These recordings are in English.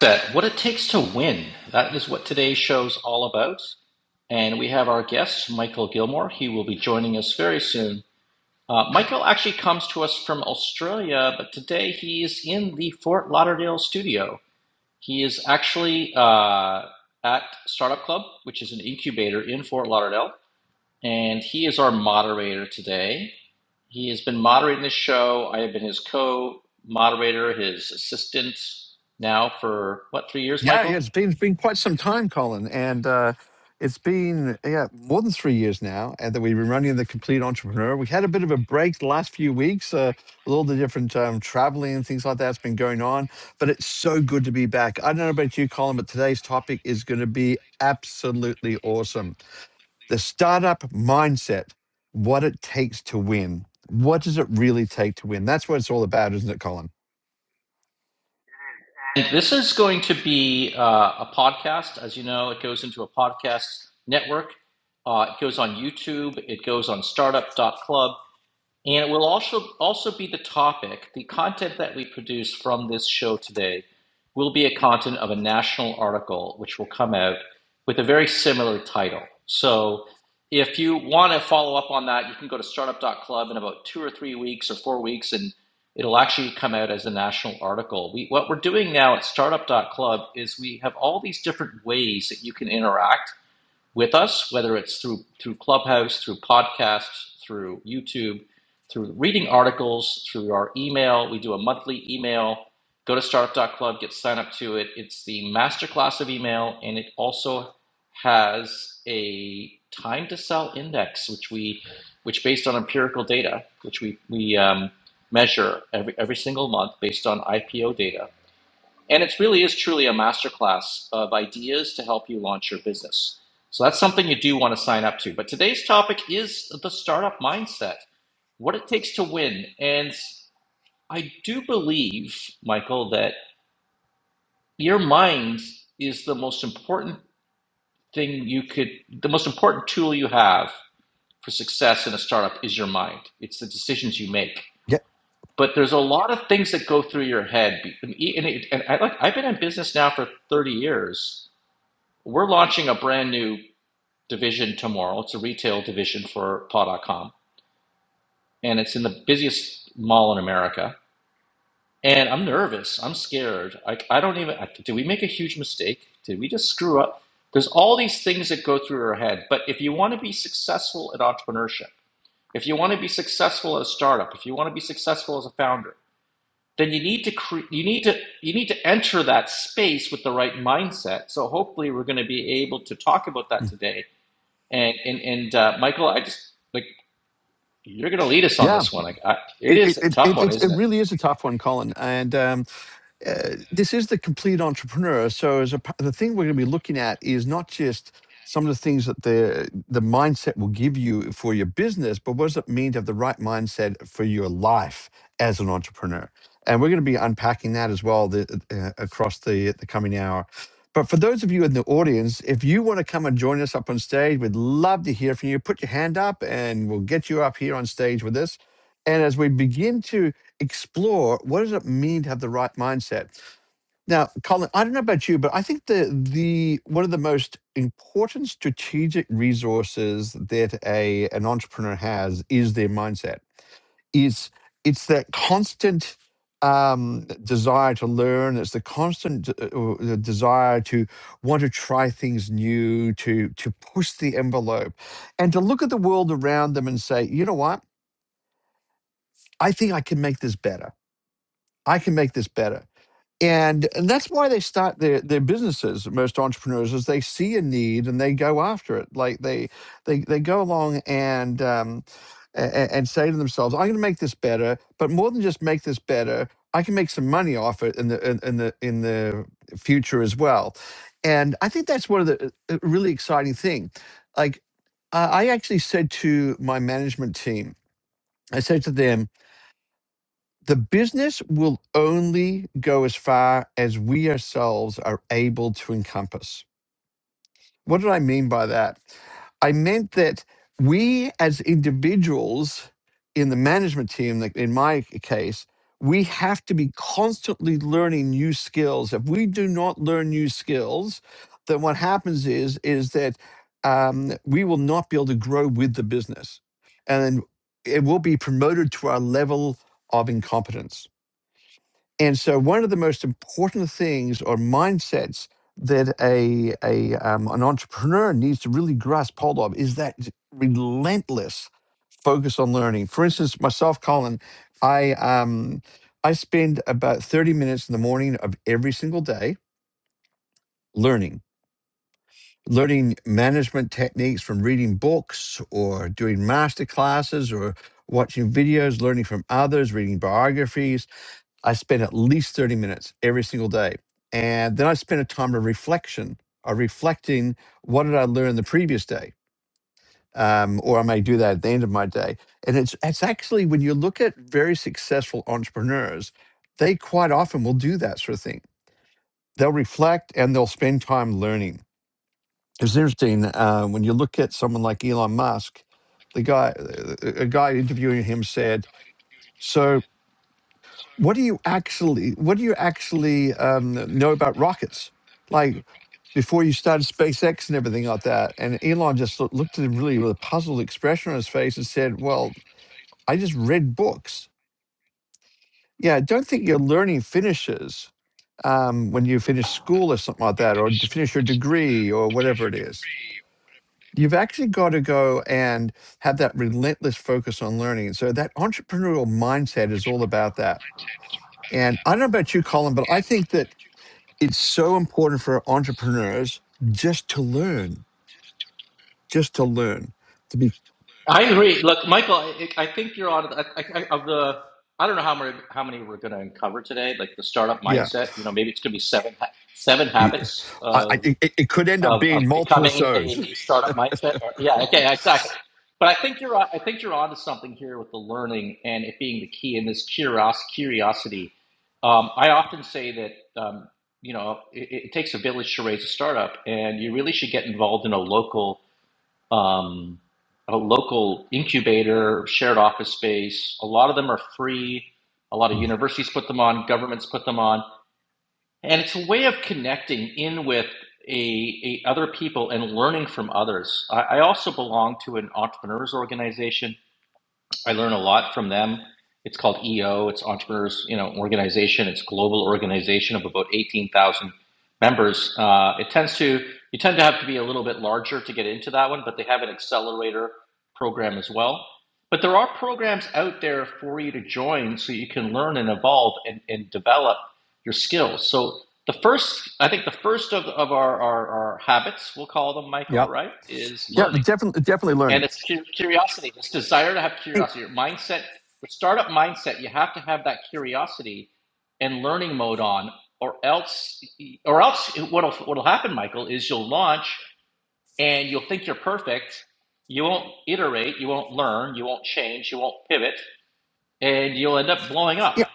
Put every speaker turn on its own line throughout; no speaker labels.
that what it takes to win. That is what today's show's all about. And we have our guest, Michael Gilmore. He will be joining us very soon. Uh, Michael actually comes to us from Australia, but today he is in the Fort Lauderdale studio. He is actually uh, at Startup Club, which is an incubator in Fort Lauderdale, and he is our moderator today. He has been moderating this show. I have been his co moderator, his assistant now for what, three years,
Yeah, yeah,
Michael?
it's been been quite some time, Colin, and uh, it's been yeah more than three years now And that we've been running the Complete Entrepreneur. We had a bit of a break the last few weeks uh, with all the different um, traveling and things like that's been going on, but it's so good to be back. I don't know about you, Colin, but today's topic is going to be absolutely awesome: the startup mindset, what it takes to win. What does it really take to win? That's what it's all about, isn't it, Colin?
And this is going to be uh, a podcast. As you know, it goes into a podcast network. Uh, it goes on YouTube. It goes on Startup dot Club. And it will also also be the topic. The content that we produce from this show today will be a content of a national article which will come out with a very similar title. So if you want to follow up on that, you can go to Startup dot Club in about two or three weeks or four weeks and it'll actually come out as a national article. We, what we're doing now at Startup dot Club is we have all these different ways that you can interact with us, whether it's through through Clubhouse, through podcasts, through YouTube, through reading articles, through our email. We do a monthly email. Go to Startup dot Club, get signed up to it. It's the masterclass of email, and it also has a time to sell index, which we, which based on empirical data, which we we um, measure every every single month based on IPO data and it really is truly a masterclass of ideas to help you launch your business. So that's something you do want to sign up to. But today's topic is the startup mindset, what it takes to win. And I do believe, Michael, that your mind is the most important thing you could, the most important tool you have for success in a startup is your mind. It's the decisions you make.
Yeah,
But there's a lot of things that go through your head. And, it- and I, like, I've been in business now for 30 years We're launching a brand new division tomorrow. It's a retail division for paw dot .com, and it's in the busiest mall in America. And I'm nervous. I'm scared. I, I don't even. I, did we make a huge mistake? Did we just screw up? There's all these things that go through our head. But if you want to be successful at entrepreneurship, if you want to be successful at a startup, if you want to be successful as a founder, then you need to cre- you need to you need to enter that space with the right mindset. So hopefully we're going to be able to talk about that today And and and uh, Michael, I just like you're going to lead us on
Yeah,
this one. Like I, it
It, it,
is a
it,
tough
it,
one,
it
isn't it?
really is a tough one, Colin. And um, uh, this is the complete entrepreneur. So as a, p- the thing we're going to be looking at is not just some of the things that the the mindset will give you for your business, but what does it mean to have the right mindset for your life as an entrepreneur? And we're going to be unpacking that as well the, uh, across the the coming hour. But for those of you in the audience, if you want to come and join us up on stage, we'd love to hear from you. Put your hand up, and we'll get you up here on stage with us. And as we begin to explore what does it mean to have the right mindset now colin i don't know about you but i think the the one of the most important strategic resources that a an entrepreneur has is their mindset it's it's that constant um desire to learn it's the constant uh, uh, the desire to want to try things new to to push the envelope and to look at the world around them and say you know what i think i can make this better i can make this better and and that's why they start their their businesses most entrepreneurs is they see a need and they go after it like they they they go along and um and, and say to themselves i'm going to make this better but more than just make this better i can make some money off it in the in, in the in the future as well and i think that's one of the uh, uh, really exciting thing like i I actually said to my management team i said to them the business will only go as far as we ourselves are able to encompass. What did I mean by that? I meant that we as individuals in the management team, like in my case, we have to be constantly learning new skills. If we do not learn new skills, then what happens is is that um, we will not be able to grow with the business, and it will be promoted to our level of incompetence. And so, one of the most important things or mindsets that a, a um, an entrepreneur needs to really grasp hold of is that relentless focus on learning. For instance, myself, Colin, I um, I spend about thirty minutes in the morning of every single day learning. Learning management techniques from reading books or doing master classes or watching videos, learning from others, reading biographies, I spend at least 30 minutes every single day. And then I spend a time of reflection, of reflecting what did I learn the previous day? Um, or I may do that at the end of my day. And it's, it's actually when you look at very successful entrepreneurs, they quite often will do that sort of thing. They'll reflect and they'll spend time learning. It's interesting uh, when you look at someone like Elon Musk, the guy, uh, a guy interviewing him said, so what do you actually what do you actually um, know about rockets like before you started spacex and everything like that and elon just loo- looked at him really with a puzzled expression on his face and said well i just read books yeah I don't think your learning finishes um, when you finish school or something like that or to finish your degree or whatever it is you've actually got to go and have that relentless focus on learning so that entrepreneurial mindset is all about that and i don't know about you colin but i think that it's so important for entrepreneurs just to learn, just to learn, to be
I agree. Look, Michael, I, I think you're on. I, I, of the, I don't know how many how many we're going to uncover today. Like the startup
yeah.
mindset. You know, maybe it's going to be seven ha- seven habits
I, I,
of.
it, it could end up
of, of
being multiple
becoming
shows.
a startup mindset. Or, yeah, okay, exactly. But I think you're on- I think you're onto something here with the learning and it being the key and this curios curiosity. Um, I often say that um, you know it, it takes a village to raise a startup, and you really should get involved in a local um, a local incubator, shared office space. A lot of them are free. A lot of universities put them on, governments put them on and it's a way of connecting in with a, a other people and learning from others. I, I also belong to an entrepreneurs organization I learn a lot from them. It's called EO. It's Entrepreneurs, you know, organization. It's global organization of about eighteen thousand members. Uh, it tends to you tend to have to be a little bit larger to get into that one, but they have an accelerator program as well. But there are programs out there for you to join so you can learn and evolve and, and develop your skills. So the first, I think, the first of, of our, our, our habits, we'll call them,
Yeah,
Michael, right, is
Yeah,
learning
but definitely, definitely
and
learning.
it's curiosity this desire to have
Hey,
curiosity your mindset with startup mindset you have to have that curiosity and learning mode on or else or else what'll what'll happen michael is you'll launch and you'll think you're perfect you won't iterate you won't learn you won't change you won't pivot and you'll end up blowing up
yeah,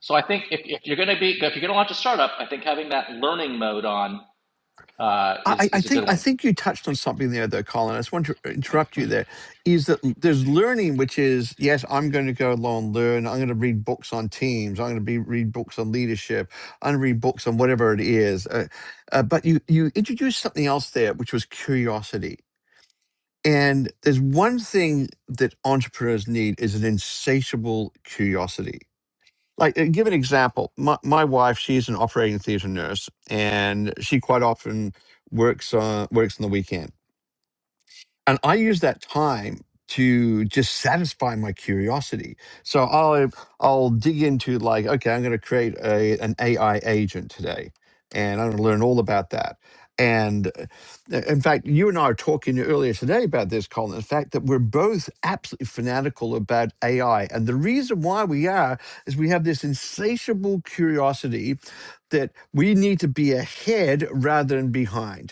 so i think if, if you're going to be if you're going to launch a startup i think having that learning mode on uh,
I,
is
I
is a
think
good
I
one
think you touched on something there, though, Colin. I just want to interrupt you there. Is that there's learning, which is yes, I'm going to go along and learn. I'm going to read books on teams. I'm going to be read books on leadership. I'm going to read books on whatever it is. Uh, uh, but you you introduced something else there, which was curiosity And there's one thing that entrepreneurs need is an insatiable curiosity. Like, uh, give an example. My, my wife, she's an operating theater nurse, and she quite often works on works on the weekend and I use that time to just satisfy my curiosity. So I'll I'll dig into like, okay, I'm going to create a an AI agent today, and I'm going to learn all about that. And uh, in fact, you and I were talking earlier today about this, Colin. The fact that we're both absolutely fanatical about AI, and the reason why we are is we have this insatiable curiosity that we need to be ahead rather than behind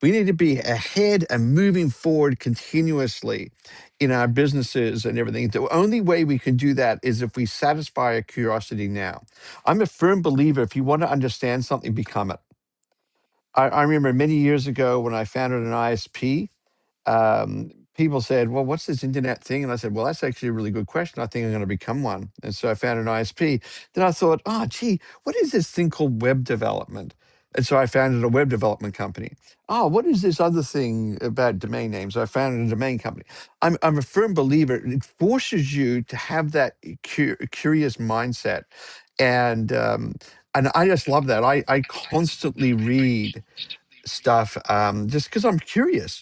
we need to be ahead and moving forward continuously in our businesses and everything. The only way we can do that is if we satisfy our curiosity now. I'm a firm believer if you want to understand something, become it. I, I remember many years ago when I founded an ISP, um, people said, Well, what's this internet thing? And I said, Well, that's actually a really good question. I think I'm going to become one. And so I found an ISP. Then I thought, Oh, gee, what is this thing called web development? And so I founded a web development company. Oh, what is this other thing about domain names? I founded a domain company. I'm, I'm a firm believer, it forces you to have that cu- curious mindset. And, um, and I just love that. I, I constantly read stuff um, just because I'm curious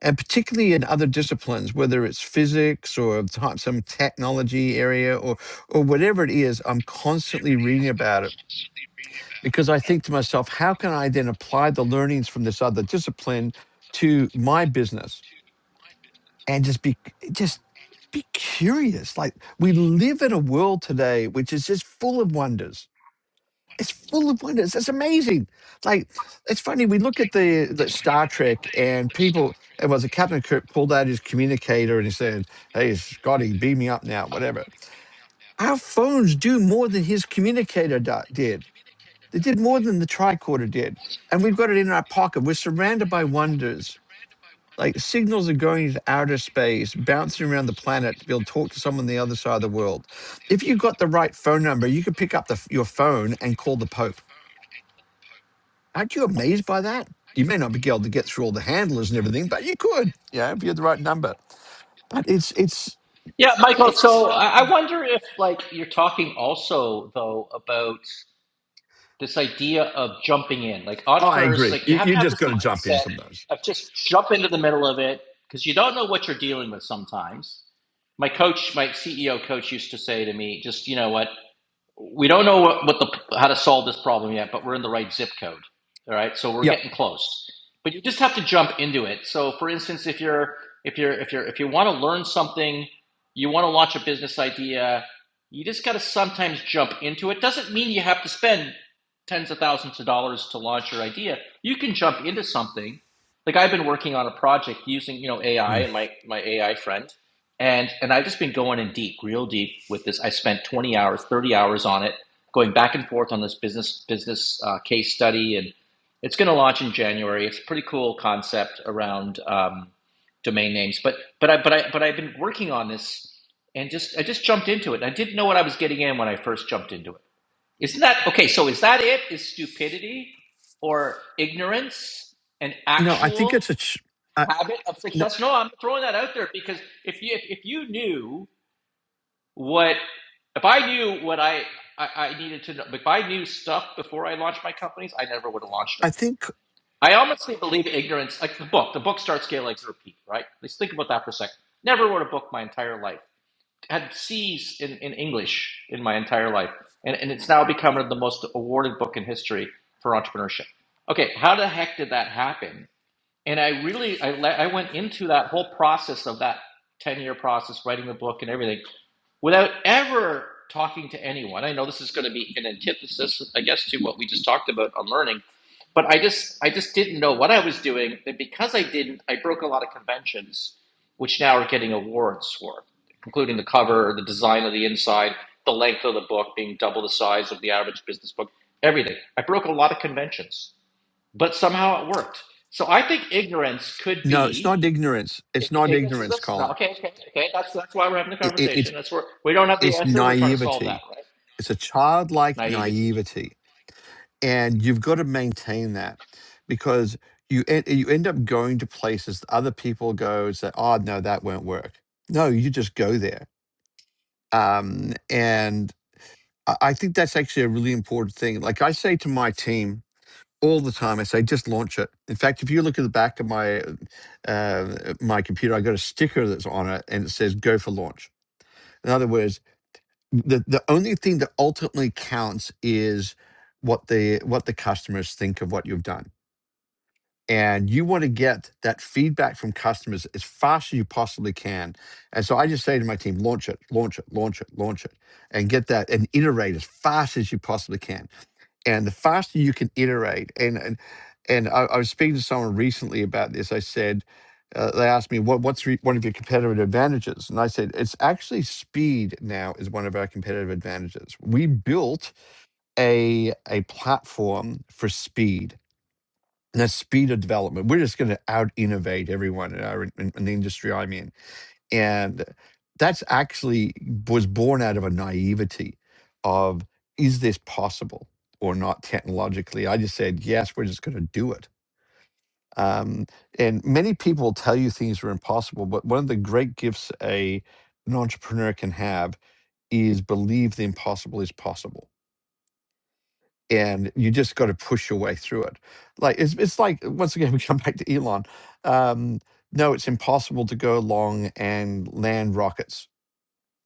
and particularly in other disciplines, whether it's physics or t- some technology area or or whatever it is, I'm constantly reading about it because I think to myself, how can I then apply the learnings from this other discipline to my business and just be just be curious. Like we live in a world today which is just full of wonders it's full of wonders. It's amazing. Like it's funny. We look at the, the Star Trek and people. It was a Captain Kirk pulled out his communicator and he said, "Hey, Scotty, beam me up now, whatever." Our phones do more than his communicator do- did. They did more than the tricorder did, and we've got it in our pocket. We're surrounded by wonders. Like signals are going into outer space, bouncing around the planet to be able to talk to someone on the other side of the world. If you got the right phone number, you could pick up the, f- your phone and call the Pope Aren't you amazed by that? You may not be able to get through all the handlers and everything, but you could, yeah, if you had the right number. But it's it's,
Yeah, Michael. So
it's
I I wonder if, like, you're talking also though about this idea of jumping in, like
oh, I
entrepreneurs,
agree.
like you
You
have
you
to have
just
this
got to jump in
mindset
sometimes.
of just jump into the middle of it because you don't know what you're dealing with sometimes. My coach, my CEO coach, used to say to me, "Just you know what? we don't know what, what the how to solve this problem yet, but we're in the right zip code. All right, so we're
Yep.
getting close. But you just have to jump into it. So, for instance, if you're if you're if you're if you want to learn something, you want to launch a business idea, you just got to sometimes jump into it. Doesn't mean you have to spend tens of thousands of dollars to launch your idea. You can jump into something. Like I've been working on a project using you know AI
Mm.
and my my AI friend and and I've just been going in deep, real deep with this. I spent 20 hours, 30 hours on it, going back and forth on this business business uh, case study, and it's going to launch in January. It's a pretty cool concept around um, domain names, but but I but I but I've been working on this, and just I just jumped into it. I didn't know what I was getting in when I first jumped into it. Isn't that okay? So is that it? Is stupidity or ignorance an
No, I think
actual?
it's a. Ch- I,
habit of
no,
success. No, I'm throwing that out there because if you if, if you knew what if I knew what I, I I needed to know if I knew stuff before I launched my companies, I never would have launched
I
them.
think
I honestly believe ignorance, like the book, the book starts scale legs repeat, right? Let's think about that for a second. Never wrote a book my entire life. Had C's in, in English in my entire life. And, and it's now become the most awarded book in history for entrepreneurship. Okay, how the heck did that happen? and I really I, I went into that whole process of that 10 year process writing the book and everything without ever talking to anyone I know this is going to be an antithesis I guess to what we just talked about on learning but I just I just didn't know what I was doing and because I didn't I broke a lot of conventions which now are getting awards for including the cover the design of the inside the length of the book being double the size of the average business book everything I broke a lot of conventions but somehow it worked. So I think ignorance could
no, it's
be
not ignorance.
if
It's not
ignorance is
ignorance,
this. No,
Colin.
okay, okay, okay. That's that's why we're having the
It, it, it's
conversation. That's where we don't have the
it's
answer. We're trying to solve that,
naivety.
right?
It's a childlike
Naivety.
naivety and you've got to maintain that because you en- you end up going to places that other people go and say, "Oh no, that won't work." No, you just go there, um, and I I think that's actually a really important thing. Like I say to my team all the time, I say, "Just launch it." In fact, if you look at the back of my uh, my computer, I got a sticker that's on it, and it says, "Go for launch." In other words, the the only thing that ultimately counts is what the what the customers think of what you've done and you want to get that feedback from customers as fast as you possibly can. And so I just say to my team, launch it, launch it, launch it, launch it, and get that and iterate as fast as you possibly can. And the faster you can iterate, and and, and I, I was speaking to someone recently about this. I said, uh, they asked me what what's re- one of your competitive advantages, and I said it's actually speed. Now is one of our competitive advantages. We built a a platform for speed and the speed of development. We're just going to out innovate everyone in, our, in, in the industry I'm in. And that's actually was born out of a naivety of is this possible or not technologically? I just said, yes, we're just going to do it. Um, and many people tell you things are impossible, but one of the great gifts a an entrepreneur can have is believe the impossible is possible and you just got to push your way through it. Like it's it's like once again we come back to Elon. Um, no, it's impossible to go along and land rockets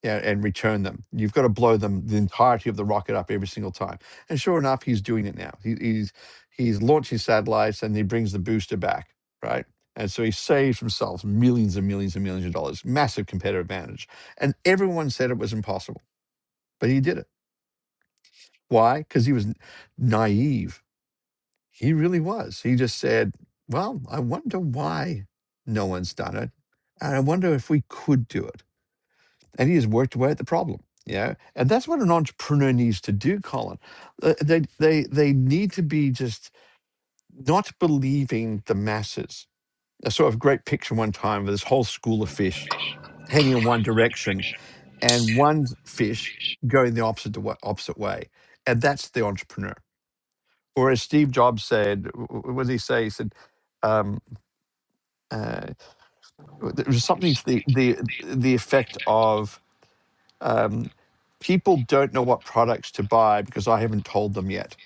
yeah, and return them. You've got to blow them the entirety of the rocket up every single time. And sure enough, he's doing it now. He, he's he's launching satellites and he brings the booster back, right? And so he saves himself millions and millions and millions of dollars, massive competitive advantage. And everyone said it was impossible, but he did it. Why? Because he was n- naive he really was. He just said, Well, I wonder why no one's done it. And I wonder if we could do it. And he has worked away at the problem. Yeah. And that's what an entrepreneur needs to do, Colin. Uh, They, they, they need to be just not believing the masses. I saw a great picture one time of this whole school of fish heading in one direction and one fish going the opposite, wa- opposite way. And that's the entrepreneur. Or as Steve Jobs said, w- w- what did he say? He said, um, uh, there was something to the the the effect of um, people don't know what products to buy because I haven't told them yet.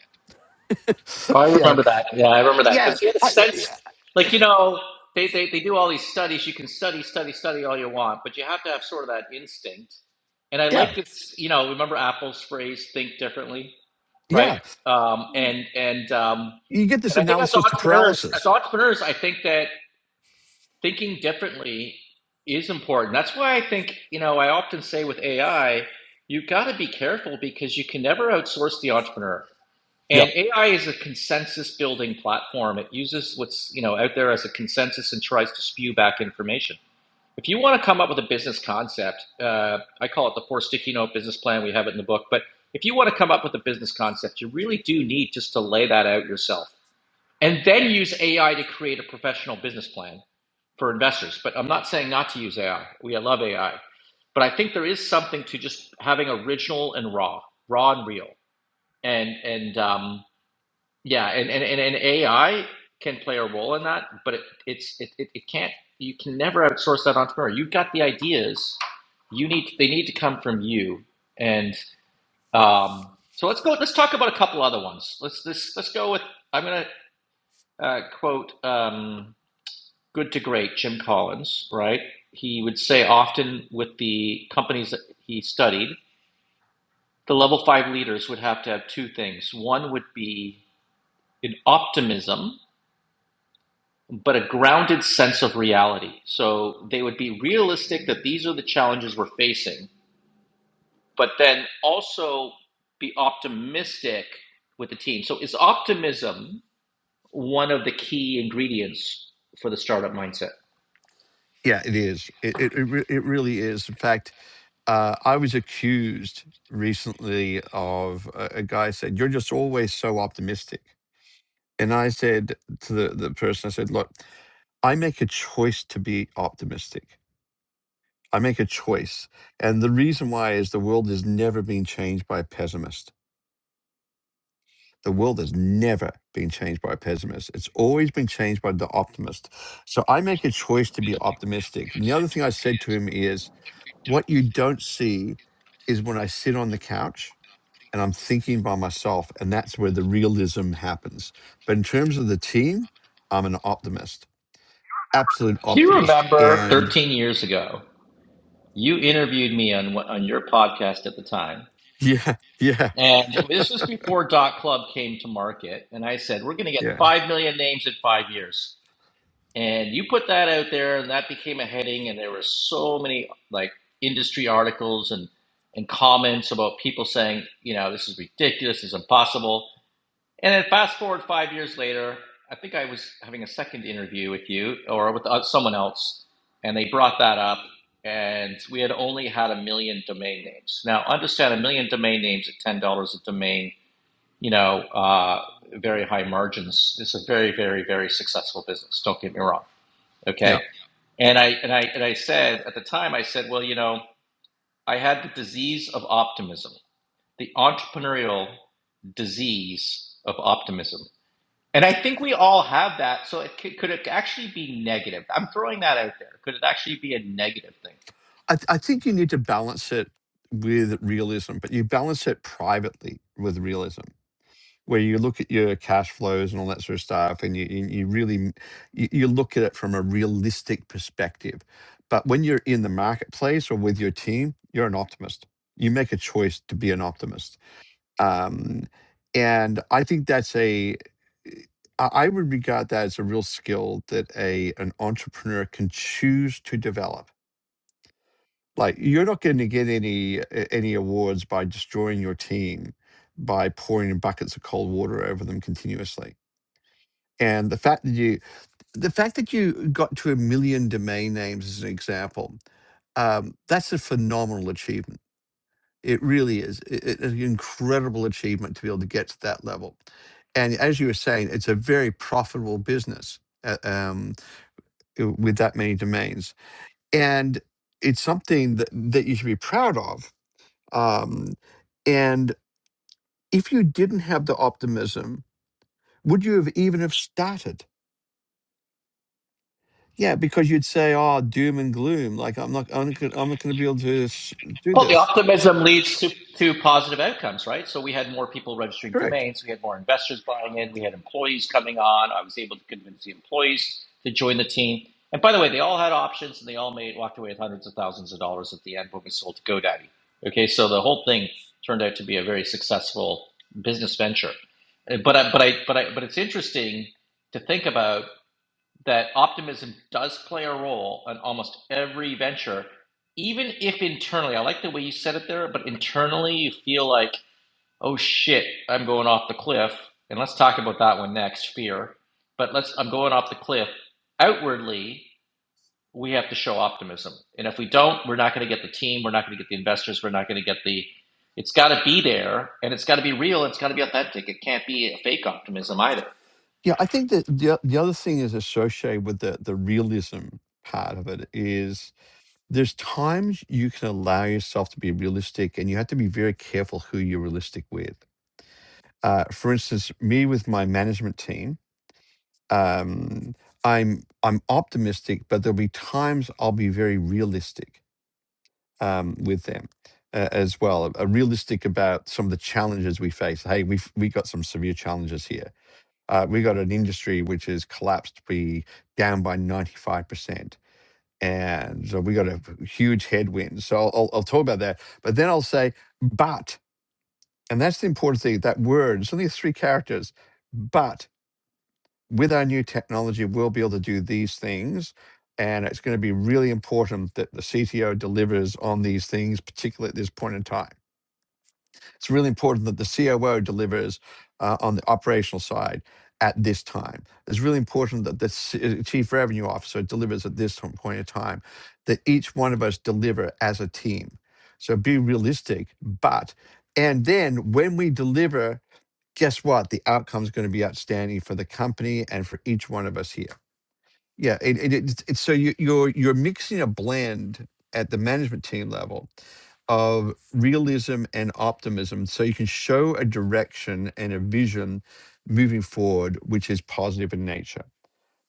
Oh, I
yeah,
remember that. Yeah, I remember that
yeah,
because he had a
I,
sense,
yeah,
like you know, they, they they do all these studies. You can study, study, study all you want, but you have to have sort of that instinct. And I
yeah,
like this. You know, remember Apple's phrase, "Think differently," right?
yeah.
Um, and and um,
You get this
and I think as
analysis to
entrepreneurs, as
paralysis.
entrepreneurs, I think that thinking differently is important. That's why I think, you know, I often say with AI, you have got to be careful because you can never outsource the entrepreneur. And
Yep.
AI is a consensus building platform. It uses what's, you know, out there as a consensus and tries to spew back information. If you want to come up with a business concept, uh, I call it the four sticky note business plan. We have it in the book. But if you want to come up with a business concept, you really do need just to lay that out yourself and then use AI to create a professional business plan for investors. But I'm not saying not to use AI. We I love AI, but I think there is something to just having original and raw, raw and real, and and um, yeah, and, and and and AI can play a role in that, but it, it's it, it it can't. You can never outsource that entrepreneur. You've got the ideas. You need they need to come from you. And um, so let's go. Let's talk about a couple other ones. Let's this let's go with. I'm gonna uh, quote. Um, good to great, Jim Collins, right? He would say often with the companies that he studied, the level five leaders would have to have two things. One would be an optimism, but a grounded sense of reality. So they would be realistic that these are the challenges we're facing, but then also be optimistic with the team. So is optimism one of the key ingredients for the startup mindset?
Yeah, it is. It it it, re- it really is. In fact, uh, I was accused recently of a, a guy said you're just always so optimistic, and I said to the the person, I said, look, I make a choice to be optimistic I make a choice. And the reason why is the world has never been changed by a pessimist. The world has never been changed by a pessimist. It's always been changed by the optimist. So I make a choice to be optimistic. And the other thing I said to him is what you don't see is when I sit on the couch and I'm thinking by myself, and that's where the realism happens. But in terms of the team, I'm an optimist, absolute
Do you
optimist.
remember
And
13 years ago you interviewed me on on your podcast at the time,
yeah, yeah,
and this was before Dot Club came to market. And I said we're going to get
yeah.
five million names in five years, and you put that out there, and that became a heading. And there were so many like industry articles and and comments about people saying, you know, this is ridiculous, this is impossible. And then fast forward five years later, I think I was having a second interview with you or with uh, someone else, and they brought that up. And we had only had a million domain names. Now, understand a million domain names at ten dollars a domain. You know, uh, very high margins. It's a very, very, very successful business. Don't get me wrong.
Yeah.
Okay. And I and I and I said at the time, I said, well, you know, I had the disease of optimism, the entrepreneurial disease of optimism and I think we all have that. So it could, could it actually be negative? I'm throwing that out there. Could it actually be a negative thing?
I, th- I think you need to balance it with realism, but you balance it privately with realism, where you look at your cash flows and all that sort of stuff, and you you you really m- you, you look at it from a realistic perspective. But when you're in the marketplace or with your team, you're an optimist. You make a choice to be an optimist, um, and I think that's a I I would regard that as a real skill that a an entrepreneur can choose to develop like you're not going to get any any awards by destroying your team by pouring buckets of cold water over them continuously and the fact that you the fact that you got to a million domain names as an example um, that's a phenomenal achievement it really is I- I- an incredible achievement to be able to get to that level and as you were saying it's a very profitable business uh, um, uh, with that many domains and it's something that, that you should be proud of um, and if you didn't have the optimism, would you have even have started? Yeah, because you'd say, "Oh, doom and gloom. Like I'm not, I'm not, gonna- I'm not going to be able to s- do
Well, the
this."
optimism leads to, to positive outcomes, right? So we had more people registering
Correct.
domains. We had more investors buying in. We had employees coming on. I was able to convince the employees to join the team. And by the way, they all had options and they all made walked away with hundreds of thousands of dollars at the end when we sold to GoDaddy. Okay, so the whole thing turned out to be a very successful business venture. Uh, But I, but I, but I, but it's interesting to think about that optimism does play a role in almost every venture, even if internally, I like the way you said it there, but internally you feel like, oh shit, I'm going off the cliff. And let's talk about that one next, fear. But let's, I'm going off the cliff. Outwardly, we have to show optimism. And if we don't, we're not going to get the team, we're not going to get the investors, we're not going to get the, it's got to be there and it's got to be real, it's got to be authentic. It can't be a fake optimism either.
Yeah, I think that the o- the other thing is associated with the the realism part of it is there's times you can allow yourself to be realistic, and you have to be very careful who you're realistic with. Uh, for instance, me with my management team, um, I'm I'm optimistic, but there'll be times I'll be very realistic um, with them uh, as well. Uh, realistic about some of the challenges we face. Hey, we've we got some severe challenges here. Uh, we got an industry which has collapsed, be down by ninety five percent, and so we got a huge headwind. So I'll, I'll I'll talk about that, but then I'll say, but, and that's the important thing. That word, it's only three characters, but with our new technology, we'll be able to do these things. And it's going to be really important that the CTO delivers on these things, particularly at this point in time. It's really important that the COO delivers uh, on the operational side at this time. It's really important that the C- uh, chief revenue officer delivers at this point in time, that each one of us deliver as a team. So be realistic. But, and then when we deliver guess what? The outcome's going to be outstanding for the company and for each one of us here. Yeah, it, it, it's it's- so you, you're you're mixing a blend at the management team level of realism and optimism, so you can show a direction and a vision moving forward, which is positive in nature.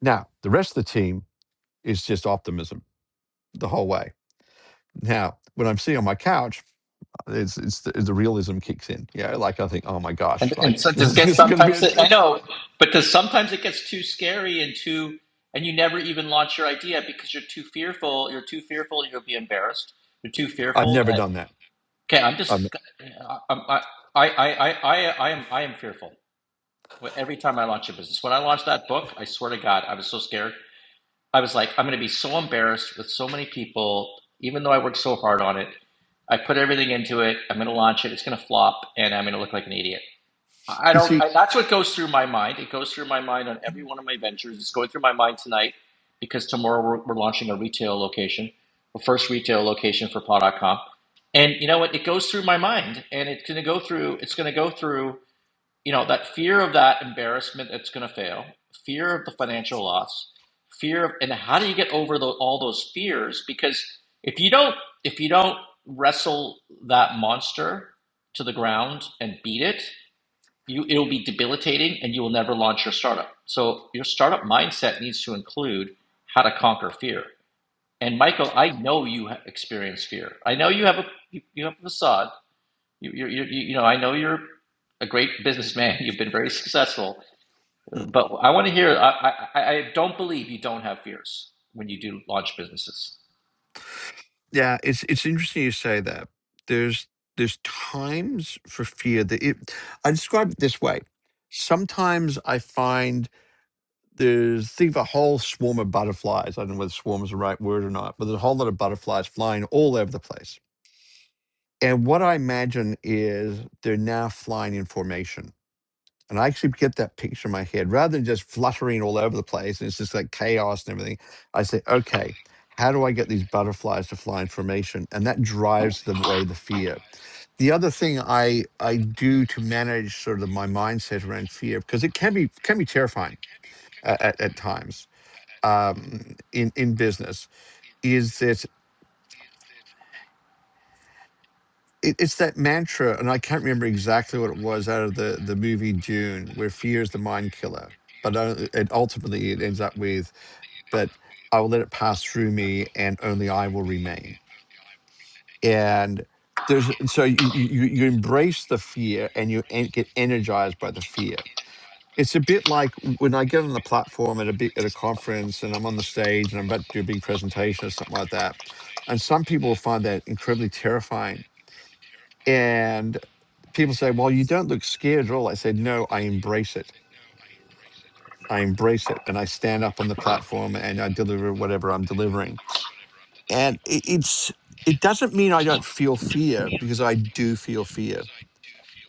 Now, the rest of the team is just optimism the whole way. Now, when I'm sitting on my couch, it's it's the, the realism kicks in. Yeah, like I think, oh my gosh,
And,
like
and so
this
does
is
get
just going to be.
sometimes it,
a-
I know, but does sometimes it gets too scary and too, and you never even launch your idea because you're too fearful. You're too fearful. You'll be embarrassed. You're too
I've
fearful
never
that
done that.
okay, I'm
I'm
just, I'm, I, I, I, I, I am, I am fearful every time I launch a business. When I launched that book, I swear to God, I was so scared. I was like, I'm going to be so embarrassed with so many people, even though I worked so hard on it. I put everything into it. I'm going to launch it. It's going to flop, and I'm going to look like an idiot I
You
don't.
see,
I, that's what goes through my mind. It goes through my mind on every one of my ventures. It's going through my mind tonight because tomorrow we're, we're launching a retail location, the first retail location for Paw.com. And you know what? It goes through my mind, and it's going to go through. It's going to go through. You know that fear of that embarrassment that's going to fail, fear of the financial loss, fear of, and how do you get over tho- all those fears? Because if you don't, if you don't wrestle that monster to the ground and beat it you it'll be debilitating and you will never launch your startup. So your startup mindset needs to include how to conquer fear. And Michael, I know you experience fear. I know you have a you, have a facade. You you you you know I know you're a great businessman. You've been very successful.
Mm.
But I want to hear. I I I don't believe you don't have fears when you do launch businesses.
Yeah, it's it's interesting you say that. There's there's times for fear that it. I describe it this way. Sometimes I find there's think of a whole swarm of butterflies. I don't know whether swarm is the right word or not, but there's a whole lot of butterflies flying all over the place. And what I imagine is they're now flying in formation And I actually get that picture in my head rather than just fluttering all over the place and it's just like chaos and everything. I say, okay, how do I get these butterflies to fly in formation? And that drives the way the fear. The other thing I I do to manage sort of my mindset around fear because it can be can be terrifying uh, at, at times um, in in business is that. it, it's that mantra, and I can't remember exactly what it was out of the the movie Dune, where fear is the mind killer, but uh, it ultimately it ends up with, but I will let it pass through me, and only I will remain. And there's so you you, you you embrace the fear, and you en- get energized by the fear. It's a bit like when I get on the platform at a big, at a conference, and I'm on the stage, and I'm about to do a big presentation or something like that. And some people find that incredibly terrifying and people say, Well, you don't look scared at all. I say, No, I embrace it. I embrace it. And I stand up on the platform and I deliver whatever I'm delivering. And it, it's, it doesn't mean I don't feel fear because I do feel fear,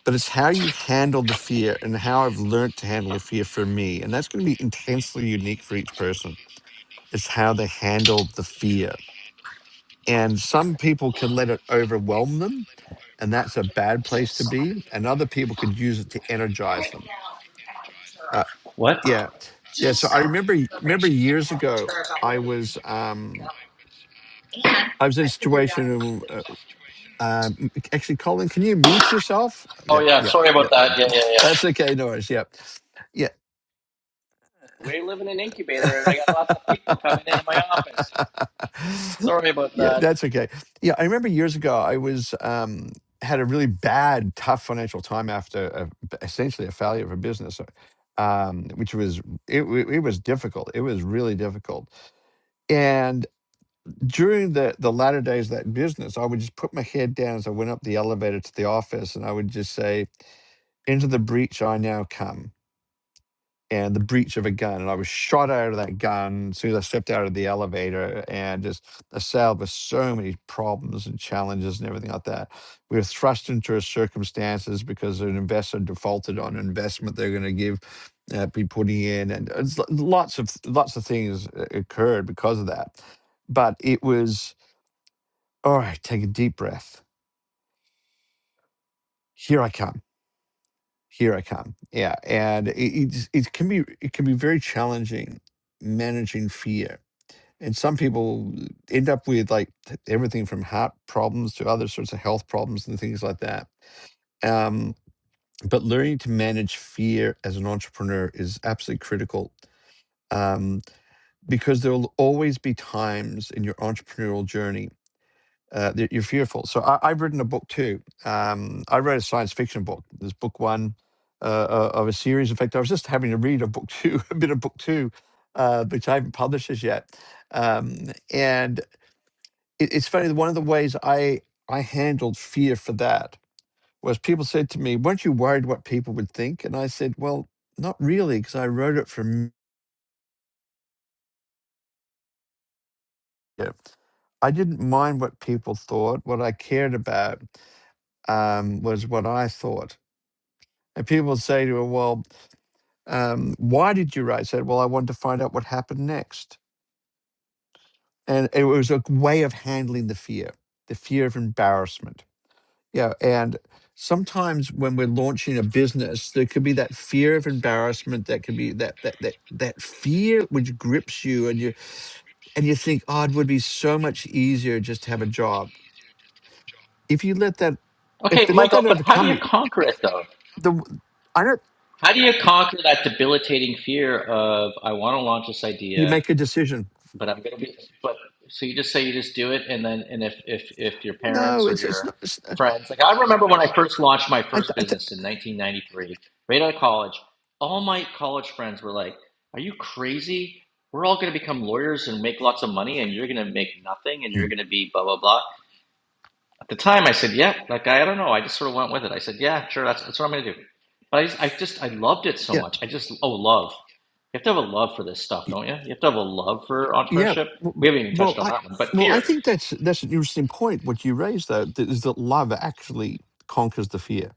but it's how you handle the fear and how I've learned to handle the fear for me. And that's going to be intensely unique for each person. It's how they handle the fear And some people can let it overwhelm them, and that's a bad place to be. And other people could use it to energize them. Uh,
What?
yeah, yeah. So I remember remember years ago, I was um, I was in a situation. in, Uh, uh, actually, Colin, can you mute yourself?
Oh
Yeah,
yeah,
yeah,
sorry
yeah.
about
th-
that. Yeah
th-
yeah yeah.
That's okay, Norris. Yeah, yeah.
We live in an incubator, and I got lots of people coming into my office. Sorry about
yeah,
that.
that's okay. Yeah, I remember years ago I was um, had a really bad, tough financial time after a, essentially a failure of a business, uh, um, which was it, wa- it was difficult. It was really difficult. And during the the latter days of that business, I would just put my head down as I went up the elevator to the office, and I would just say, "Into the breach I now come." and the breech of a gun. And I was shot out of that gun as soon as I stepped out of the elevator. And just assailed with so many problems and challenges and everything like that. We were thrust into circumstances because an investor defaulted on an investment they're going to give, uh, be putting in, and it's lo- lots of lots of things uh, occurred because of that. But it was all right. Take a deep breath. Here I come. Here I come. Yeah, and it, it, it can be it can be very challenging managing fear and some people end up with like th- everything from heart problems to other sorts of health problems and things like that. Um, but learning to manage fear as an entrepreneur is absolutely critical um, because there will always be times in your entrepreneurial journey uh, that you're fearful. So I, I've written a book too. Um, I wrote a science fiction book. There's book one uh, uh, of a series. In fact, I was just having to read a book two, a bit of book two, uh, which I haven't published as yet um, and it, it's funny. One of the ways I I handled fear for that was people said to me, "Weren't you worried what people would think?" And I said, "Well, not really, because I wrote it from here. I didn't mind what people thought. What I cared about um, was what I thought." And people would say to me, "Well, um, why did you write?" I said, "Well, I wanted to find out what happened next." And it was a way of handling the fear, the fear of embarrassment Yeah, and sometimes when we're launching a business, there could be that fear of embarrassment. That could be that that that that fear which grips you, and you and you think, oh, it would be so much easier just to have a job. If you let that, if
Okay,
you let
Michael,
that
but how do
overcome
you
you,
conquer it though?
the I don't.
How do you conquer that debilitating fear of I want to launch this
You
idea,
make a decision.
but I'm going to be but so you just say you just do it and then and if if if your
No,
parents or
it's it's
your
not. It's, uh,
friends like I remember when I first launched my
I
first
th- I th-
business in 1993, right out of college, all my college friends were like, "Are you crazy? We're all going to become lawyers and make lots of money and you're going to make nothing and you're
Mm.
going to be blah blah blah." At the time, I said, yeah, like, I, I don't know. I just sort of went with it. I said, yeah, sure, that's, that's what I'm going to do. But I just, I just, I loved it so
yeah
much. I just, oh, love. You have to have a love for this stuff,
y-
don't you? You have to have a love for
yeah.
entrepreneurship.
w-
We haven't even
Well,
touched on
I
that one, but
well I
fear.
think that's that's an interesting point. What you raised though th- is that love actually conquers the fear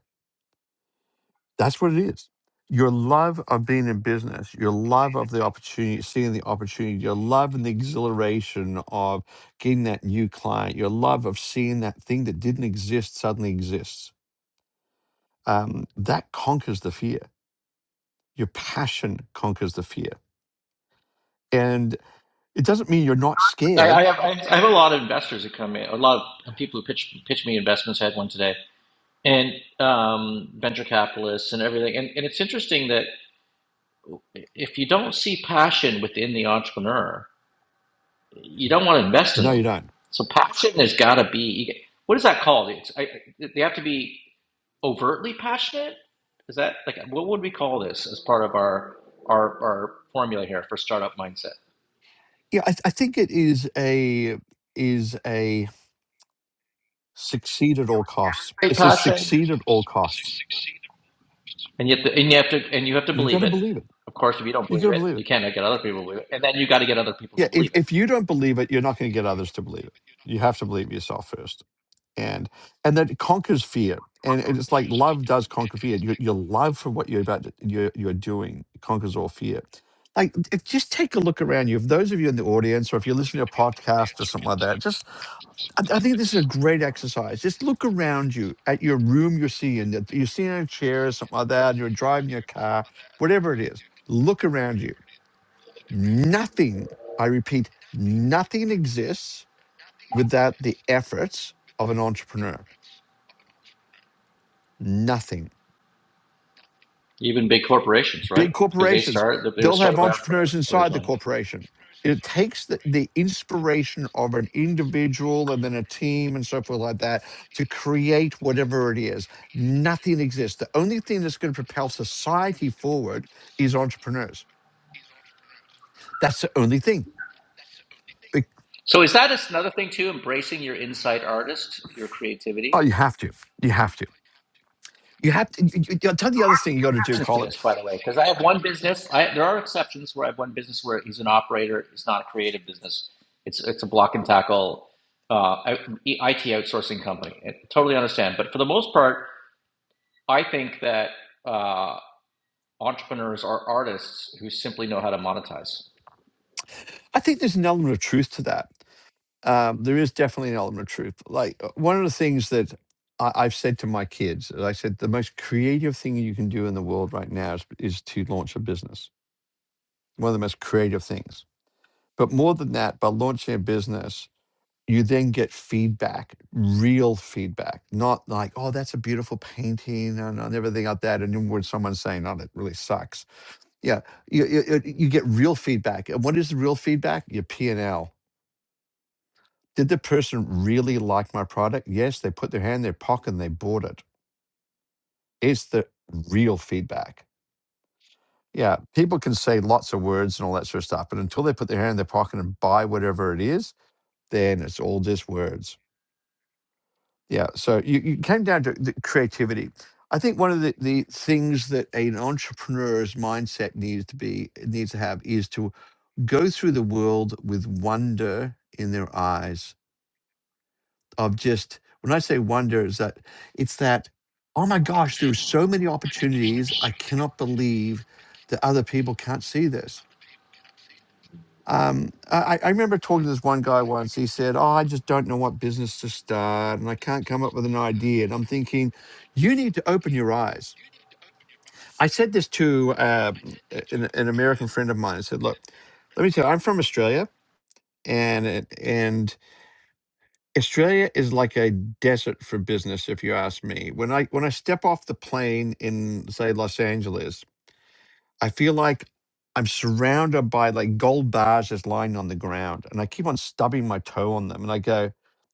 That's what it is. Your love of being in business, your love of the opportunity, seeing the opportunity, your love and the exhilaration of getting that new client, your love of seeing that thing that didn't exist suddenly exists. Um, that conquers the fear. Your passion conquers the fear. And it doesn't mean you're not
I, I
scared.
have, I, have a lot of investors that come in, a lot of people who pitch, pitch me investments. I had one today, and um, venture capitalists and everything. And, and it's interesting that if you don't see passion within the entrepreneur, you don't want to invest in
No, you
them.
don't.
So passion has got to be what is that called? It's, I, they have to be overtly passionate. Is that like what would we call this as part of our our, our formula here for startup mindset?
Yeah, I, I think it is a is a succeed at all costs.
Great
It's a
passion,
succeed at all costs.
and you have to and you have to and you have to
You got
believe
to
it.
believe it.
Of course, if you don't
You got
believe
to
it,
believe it
you can't get other people to believe it, and then you got to get other people
yeah
to
if,
believe it.
if you don't believe it you're not going to get others to believe it you have to believe yourself first and and that conquers fear and it's like love does conquer fear your, your love for what you're about to, you're, you're doing conquers all fear like it, just take a look around you if those of you in the audience or if you're listening to a podcast or something like that just I, I think this is a great exercise just look around you at your room you're seeing that you're sitting in a chair or something like that and you're driving your car whatever it is look around you Nothing, I repeat, nothing exists without the efforts of an entrepreneur. Nothing.
Even big corporations,
Big
right? Because they
corporations,
start they were
they'll have
started by
entrepreneurs
entrepreneurs
inside the
originally.
corporation. It takes the, the inspiration of an individual and then a team and so forth like that to create whatever it is. Nothing exists. The only thing that's going to propel society forward is entrepreneurs. That's the only thing. Be-
So is that just another thing too? Embracing your inside artist, your creativity.
Oh, you have to. You have to. You have to. You, you, I'll tell you the other thing you got to do,
to
Colin.
this, by the way, because I have one business. I, there are exceptions where I have one business where he's an operator. It's not a creative business. It's it's a block and tackle uh, IT outsourcing company. I totally understand. But for the most part, I think that uh, entrepreneurs are artists who simply know how to monetize.
I think there's an element of truth to that. Um, there is definitely an element of truth. Like uh, one of the things that I, I've said to my kids, is I said the most creative thing you can do in the world right now is, is to launch a business. One of the most creative things. But more than that, by launching a business, you then get feedback, real feedback, not like, oh, that's a beautiful painting and, and everything like that. And then when someone's saying, oh, that really sucks. Yeah, you, you, you you get real feedback. And what is the real feedback? Your P&L Did the person really like my product? Yes, they put their hand in their pocket and they bought it. It's the real feedback. Yeah, people can say lots of words and all that sort of stuff, but until they put their hand in their pocket and buy whatever it is, then it's all just words. Yeah, so you, you came down to the creativity. I think one of the, the things that an entrepreneur's mindset needs to be needs to have is to go through the world with wonder in their eyes of just when I say wonder is that it's that oh my gosh, there's so many opportunities. I cannot believe that other people can't see this. Um, I, I remember talking to this one guy once. He said, "Oh, I just don't know what business to start, and I can't come up with an idea." And I'm thinking, you need to open your eyes. I said this to uh, an, an American friend of mine. I said, "Look, let me tell you, I'm from Australia, and and Australia is like a desert for business, if you ask me. When I when I step off the plane in say Los Angeles, I feel like I'm surrounded by like gold bars just lying on the ground, and I keep on stubbing my toe on them, and I go,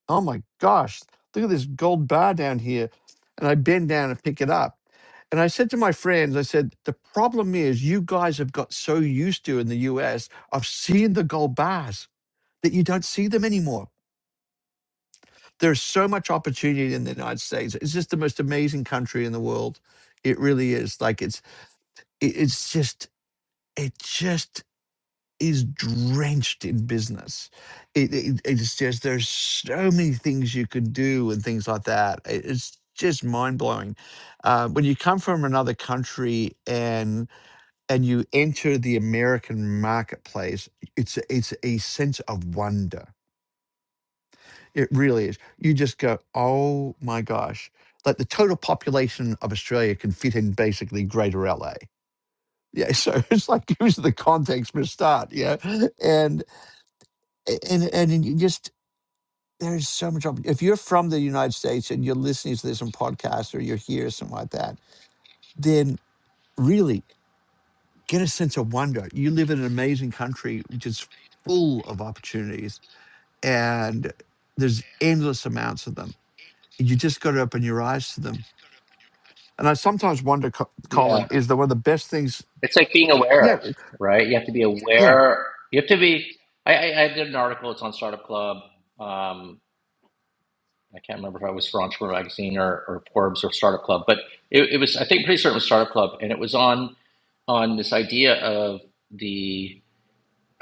"Oh my gosh, look at this gold bar down here," and I bend down and pick it up. And I said to my friends, I said, the problem is you guys have got so used to in the US of seeing the gold bars that you don't see them anymore there's so much opportunity in the United States. It's just the most amazing country in the world. It really is. Like it's it's just it just is drenched in business. It, it it's just there's so many things you could do and things like that. It- it's just mind blowing. Uh, when you come from another country and and you enter the American marketplace, it's it's a sense of wonder It really is. You just go, oh my gosh. Like the total population of Australia can fit in basically greater LA. Yeah. So it's like using the context for a start. Yeah. And and and you just there's so much opp- if you're from the United States and you're listening to this on podcast or you're here or something like that, then really get a sense of wonder. You live in an amazing country which is full of opportunities and there's endless amounts of them. You just got to open your eyes to them And I sometimes wonder, Co- Colin,
Yeah,
is that one of the best things?
it's like being
Yeah,
aware,
it-
right? You have to be
yeah,
aware. You have to be. I, I, I did an article. It's on Startup Club. Um, I can't remember if I was for Entrepreneur Magazine or, or Forbes or Startup Club, but it, it was, I think, pretty certain it was Startup Club. And it was on, on this idea of the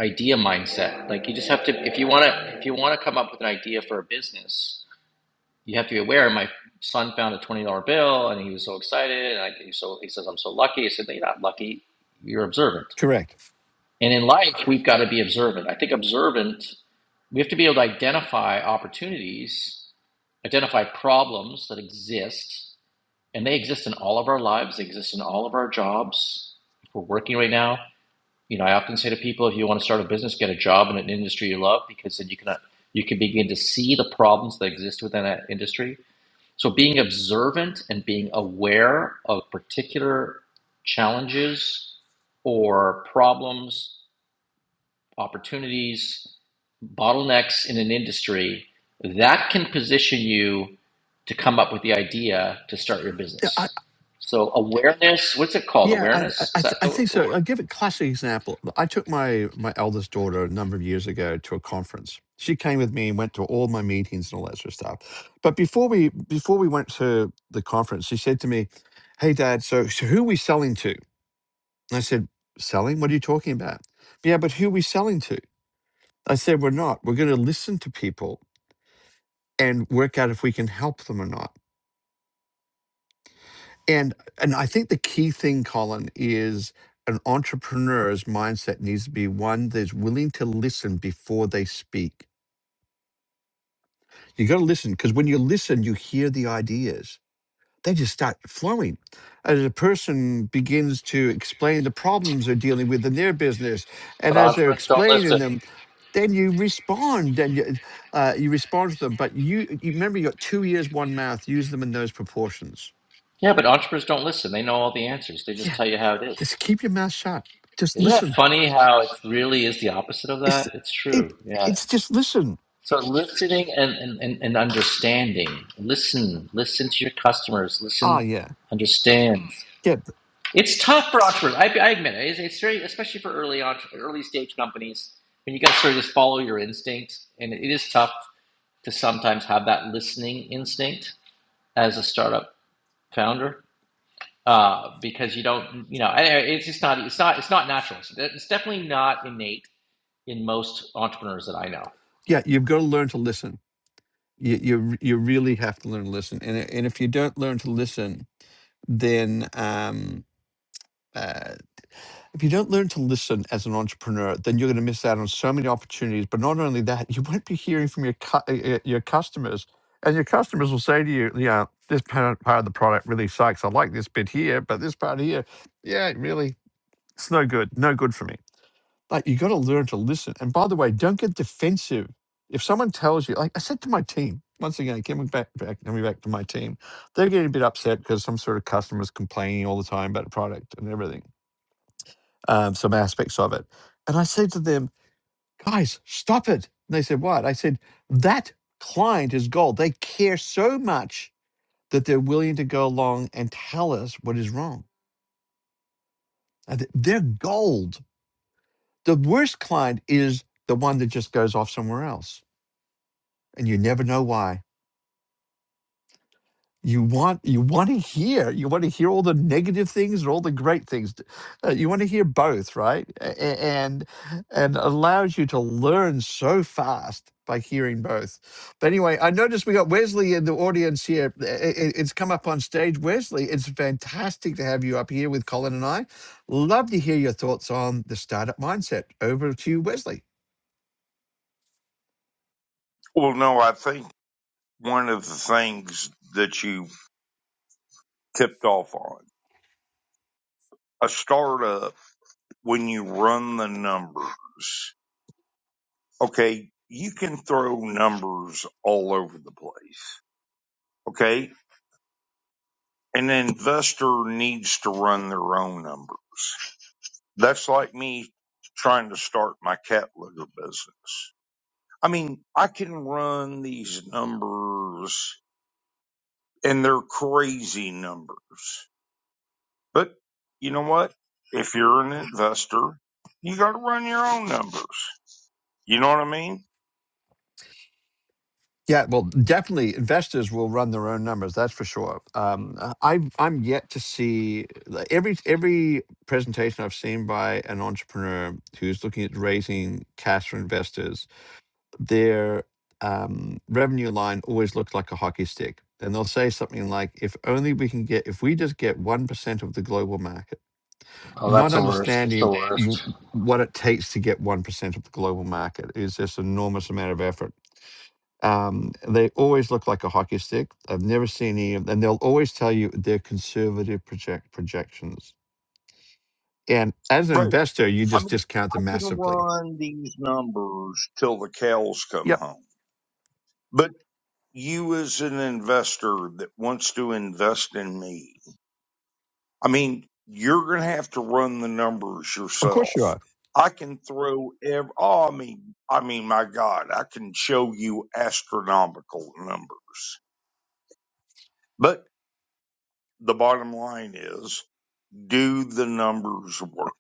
idea mindset. Like you just have to, if you want to, if you want to come up with an idea for a business, you have to be aware. My son found a $20 bill and he was so excited. And I, he, was so, he says, I'm so lucky. I said, no, you're not lucky. You're observant.
Correct.
And in life, we've got to be observant. I think observant we have to be able to identify opportunities, identify problems that exist, and they exist in all of our lives, they exist in all of our jobs. If we're working right now, you know, I often say to people, if you want to start a business, get a job in an industry you love, because then you can you can begin to see the problems that exist within that industry. So being observant and being aware of particular challenges or problems opportunities, bottlenecks in an industry, that can position you to come up with the idea to start your
yeah. I,
business. So awareness, what's it called?
yeah, I, I,
Awareness?
I
Is that
th- I
the,
think so.
word?
I'll give a classic example. I took my my eldest daughter a number of years ago to a conference. She came with me and went to all my meetings and all that sort of stuff. But before we before we went to the conference, she said to me, "Hey, Dad, so, so who are we selling to?" And I said, "Selling? What are you talking about?" Yeah, but who are we selling to? I said, "We're not. We're going to listen to people and work out if we can help them or not." And and I think the key thing, Colin, is an entrepreneur's mindset needs to be one that's willing to listen before they speak. You got to listen because when you listen, you hear the ideas. They just start flowing. As a person begins to explain the problems they're dealing with in their business, and
But
as they're
entrepreneurs don't
explaining
listen.
them, then you respond and you, uh, you respond to them. But you, you remember you got two ears, one mouth. Use them in those proportions.
Yeah, but entrepreneurs don't listen. They know all the answers. They just
Yeah,
tell you how it is.
just keep your mouth shut. Just
Isn't that
listen
funny how it really is the opposite of
it's
that? It's
it
true. Yeah.
it's just listen.
So listening and, and, and understanding. Listen. Listen to your customers.
Ah,
Listen.
yeah,
Understand.
yeah,
It's tough for entrepreneurs. I, I admit it. It's, it's very, especially for early on, early stage companies, when you guys sort of just follow your instincts, and it is tough to sometimes have that listening instinct as a startup founder uh, because you don't, you know, it's just not, it's not, it's not natural. It's, it's definitely not innate in most entrepreneurs that I know.
yeah. You've got to learn to listen. You you r- you really have to learn to listen. And i- and if you don't learn to listen, then um. Uh, if you don't learn to listen as an entrepreneur, then you're going to miss out on so many opportunities. But not only that, you won't be hearing from your cu- uh, uh, your customers, and your customers will say to you, "Yeah, this part part of the product really sucks. I like this bit here, but this part here, yeah, it really, it's no good, no good for me." Like you got to learn to listen. And by the way, don't get defensive. If someone tells you, like I said to my team, once again, coming back, back coming back to my team, they're getting a bit upset because some sort of customers complaining all the time about the product and everything, um, some aspects of it. And I said to them, guys, stop it. And they said, what? I said, that client is gold. They care so much that they're willing to go along and tell us what is wrong. And th- They're gold. The worst client is the one that just goes off somewhere else and you never know why. You want you want to hear you want to hear all the negative things or all the great things. uh, you want to hear both, right? A- a- And and allows you to learn so fast by hearing both. But anyway, I noticed we got Wesley in the audience here. I- I- It's come up on stage, Wesley. It's fantastic to have you up here with Colin and I. Love to hear your thoughts on the startup mindset. Over to you, Wesley.
Well, no, I think one of the things that you tipped off on a startup, when you run the numbers, okay, you can throw numbers all over the place. Okay. An investor needs to run their own number. That's like me trying to start my cat litter business. I mean, I can run these numbers and they're crazy numbers But you know what? If you're an investor, you got to run your own numbers. You know what I mean?
Yeah, well, definitely investors will run their own numbers. That's for sure. Um, uh, I've, I'm yet to see like, every every presentation I've seen by an entrepreneur who's looking at raising cash for investors. Their um, revenue line always looks like a hockey stick, and they'll say something like, "If only we can get, if we just get one percent of the global market."
Oh,
Not
that's the worst. That's the
understanding w-
worst.
what it takes to get one percent of the global market is this enormous amount of effort um, they always look like a hockey stick. I've never seen any of them. They'll always tell you they're conservative project projections. And as an
Right.
investor, you
I
just
mean,
discount
I
them
can
massively.
run these numbers till the cows come
Yep,
home. But you, as an investor that wants to invest in me, I mean, you're going to have to run the numbers
of course you
yourself.
are.
I can throw ev oh, I mean, I mean, my God, I can show you astronomical numbers. But the bottom line is do the numbers work?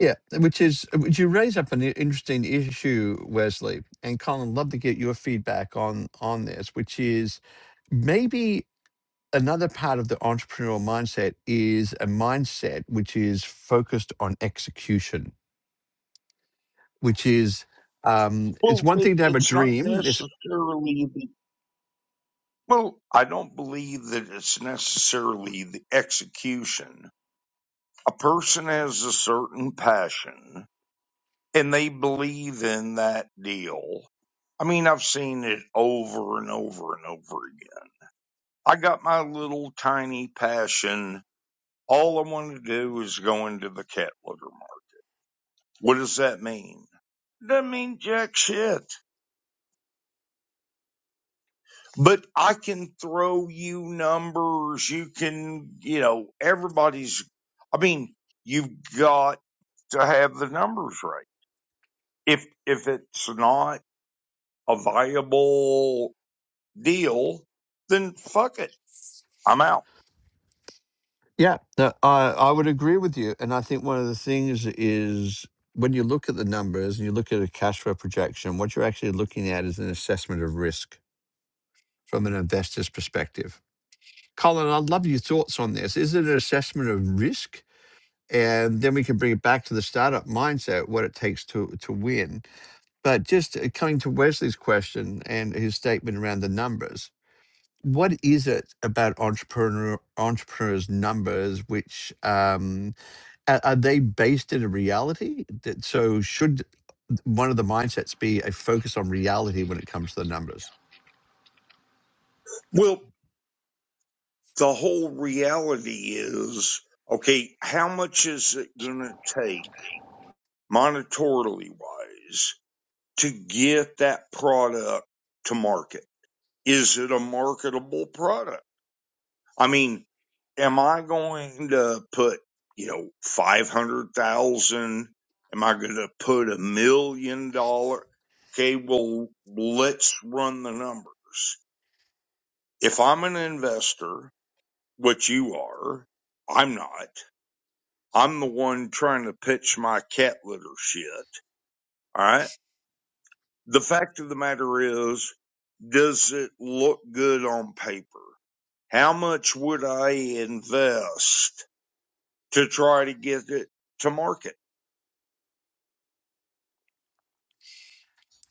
Yeah, which is which you raise up an i- interesting issue, Wesley and Colin. Love to get your feedback on on this, which is maybe another part of the entrepreneurial mindset is a mindset which is focused on execution which is um, it's
Well,
one
it,
thing to have a
it's not
dream. It's
necessarily the, well, I don't believe that it's necessarily the execution. A person has a certain passion and they believe in that deal. I mean, I've seen it over and over and over again. I got my little tiny passion. All I want to do is go into the cat litter market. What does that mean? Doesn't mean jack shit. but I can throw you numbers. You can, you know, everybody's. I mean, you've got to have the numbers right. If if it's not a viable deal, then fuck it. I'm out.
yeah, no, I I would agree with you, and I think one of the things is when you look at the numbers and you look at a cash flow projection, what you're actually looking at is an assessment of risk from an investor's perspective. Colin, I'd love your thoughts on this. Is it an assessment of risk? And then we can bring it back to the startup mindset, what it takes to to win. But just uh, coming to Wesley's question and his statement around the numbers, what is it about entrepreneur entrepreneurs numbers which um are, are they based in a reality that so should one of the mindsets be a focus on reality when it comes to the numbers
Well, the whole reality is, okay, how much is it going to take monetarily wise to get that product to market? Is it a marketable product? I mean, am I going to put, you know, 500,000? Am I going to put a million dollar? Okay, well, let's run the numbers. If I'm an investor, which you are, I'm not. I'm the one trying to pitch my cat litter shit. All right. The fact of the matter is, does it look good on paper? How much would I invest? to try to get it to market.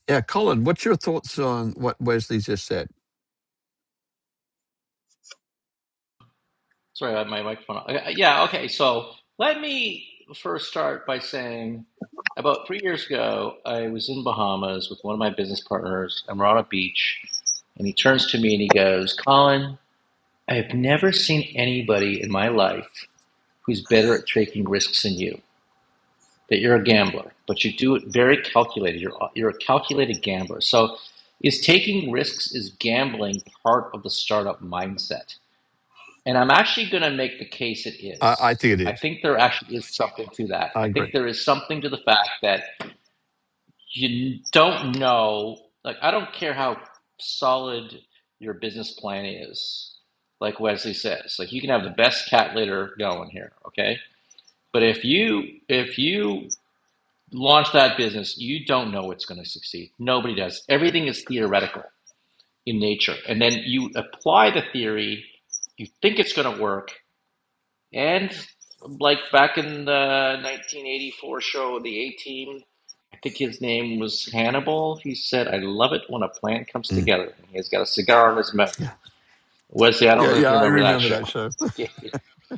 yeah colin what's your thoughts on what wesley just said
Sorry, I had my microphone. on. Okay, Yeah, okay. So let me first start by saying about three years ago, I was in Bahamas with one of my business partners, and we're on a beach. And he turns to me and he goes, Colin, I have never seen anybody in my life who's better at taking risks than you. That you're a gambler, but you do it very calculated. You're, you're a calculated gambler. So, is taking risks, is gambling part of the startup mindset? And I'm actually going to make the case it
i, I
is.
think it
I
is
think there actually is something to that.
i
I
agree
think there is something to the fact that you don't know. Like, I don't care how solid your business plan is, like Wesley says. Like, you can have the best cat litter going here, okay? But if you if you launch that business, you don't know it's going to succeed. Nobody does. Everything is theoretical in nature, and then you apply the theory. You think it's going to work, And like back in the 1984 show, The A Team, I think his name was Hannibal. He said, I love it when a plan comes
Mm.
together. And He's got a cigar in his mouth.
yeah
Wesley, I
yeah
don't know if
yeah
you
i
remember that
remember
show.
that show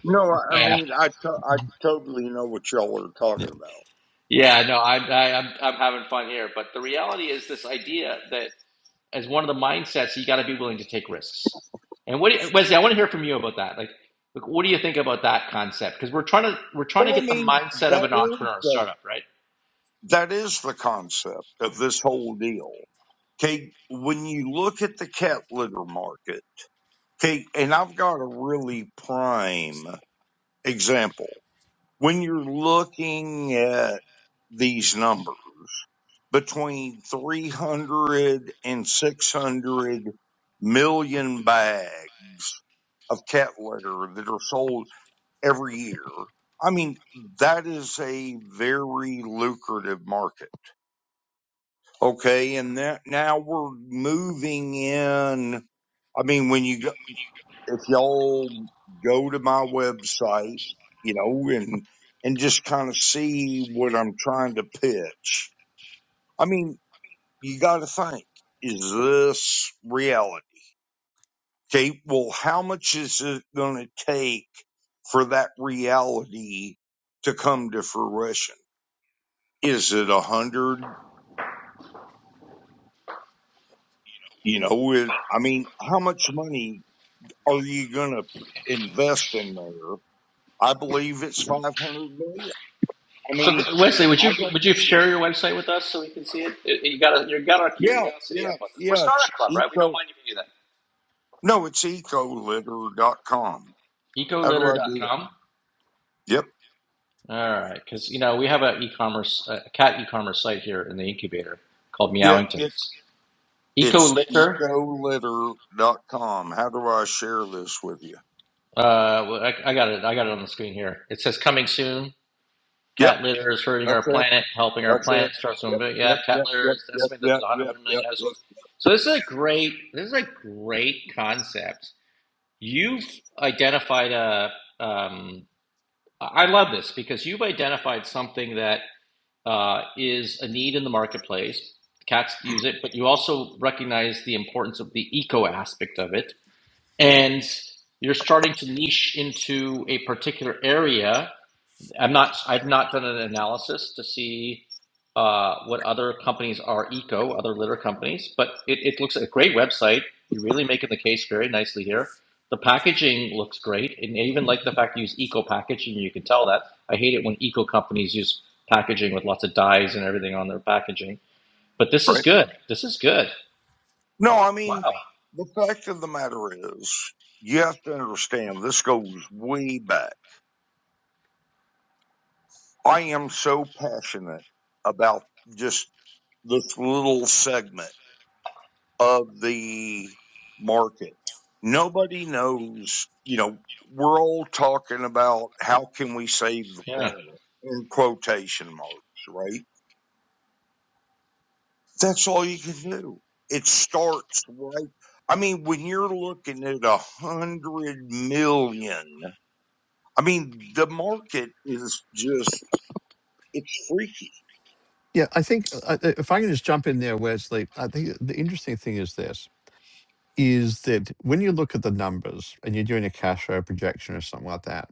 No, I
Oh, yeah.
mean, I, to- I
Mhm.
totally know what y'all are
yeah
talking about.
Yeah, no, I, I, I'm, I'm having fun here. But the reality is this idea that as one of the mindsets, you got to be willing to take risks. And what, do you- Wesley, I want to hear from you about that. Like, like, what do you think about that concept? Because we're trying to we're trying to
Well, I
get the
mean,
mindset of
that
an
is
entrepreneur or
the,
startup, right?
that is the concept of this whole deal. Okay, when you look at the cat litter market, okay, and I've got a really prime example. When you're looking at these numbers, between three hundred and six hundred million bags of cat litter that are sold every year. I mean, that is a very lucrative market. Okay. And that now we're moving in. I mean, when you go, if y'all go to my website, you know, and, and just kind of see what I'm trying to pitch. I mean, you got to think, is this reality? Okay, well, how much is it going to take for that reality to come to fruition? Is it a hundred? You know, with, I mean, how much money are you going to invest in there? I believe it's 500 million. I
So
mean,
Wesley, would
I
you
don't,
would you share your website with us so we can see it? It- you got you got our
yeah,
curiosity
yeah,
up on this. We're
yeah, it's
startup club, right? We don't
eco,
mind if you do that.
no, it's ecolitter dot com. How do
Ecolitter
I
dot
do it?
com.
Yep.
All right, because you know we have a e-commerce a cat e-commerce site here in the incubator called
Yeah. It,
Meowingtons. Eco
it's
litter.
ecolitter dot com. How do I share this with you?
Uh, well, I, I got it. I got it on the screen here. It says coming soon.
Yep.
Cat litter is hurting
That's
our
it.
planet. Helping our
That's it.
planet starts to
Yep,
invade.
yep,
Yeah, cat
yep,
litter
yep,
is
yep,
estimated that there's
yep,
100
yep,
million
yep, yep.
households. So this is a great. This is a great concept You've identified a, um, I love this because you've identified something that uh, is a need in the marketplace. Cats use it, but you also recognize the importance of the eco aspect of it. And you're starting to niche into a particular area I'm not, I've not done an analysis to see uh, what other companies are eco, other litter companies, but it, it looks like a great website. You're really making the case very nicely here. The packaging looks great, and I even like the fact you use eco packaging. You can tell that. I hate it when eco companies use packaging with lots of dyes and everything on their packaging. But this is
Right?
good. This is good.
No, I mean,
Wow.
the fact of the matter is, you have to understand this goes way back. I am so passionate about just this little segment of the market. Nobody knows, you know, we're all talking about how can we save the
Yeah.
planet in quotation marks, right? That's all you can do. It starts right. I mean, when you're looking at a hundred million, I mean, the market is just, it's freaky,
yeah i think uh, uh, if i can just jump in there wesley i think the interesting thing is this is that when you look at the numbers and you're doing a cash flow projection or something like that,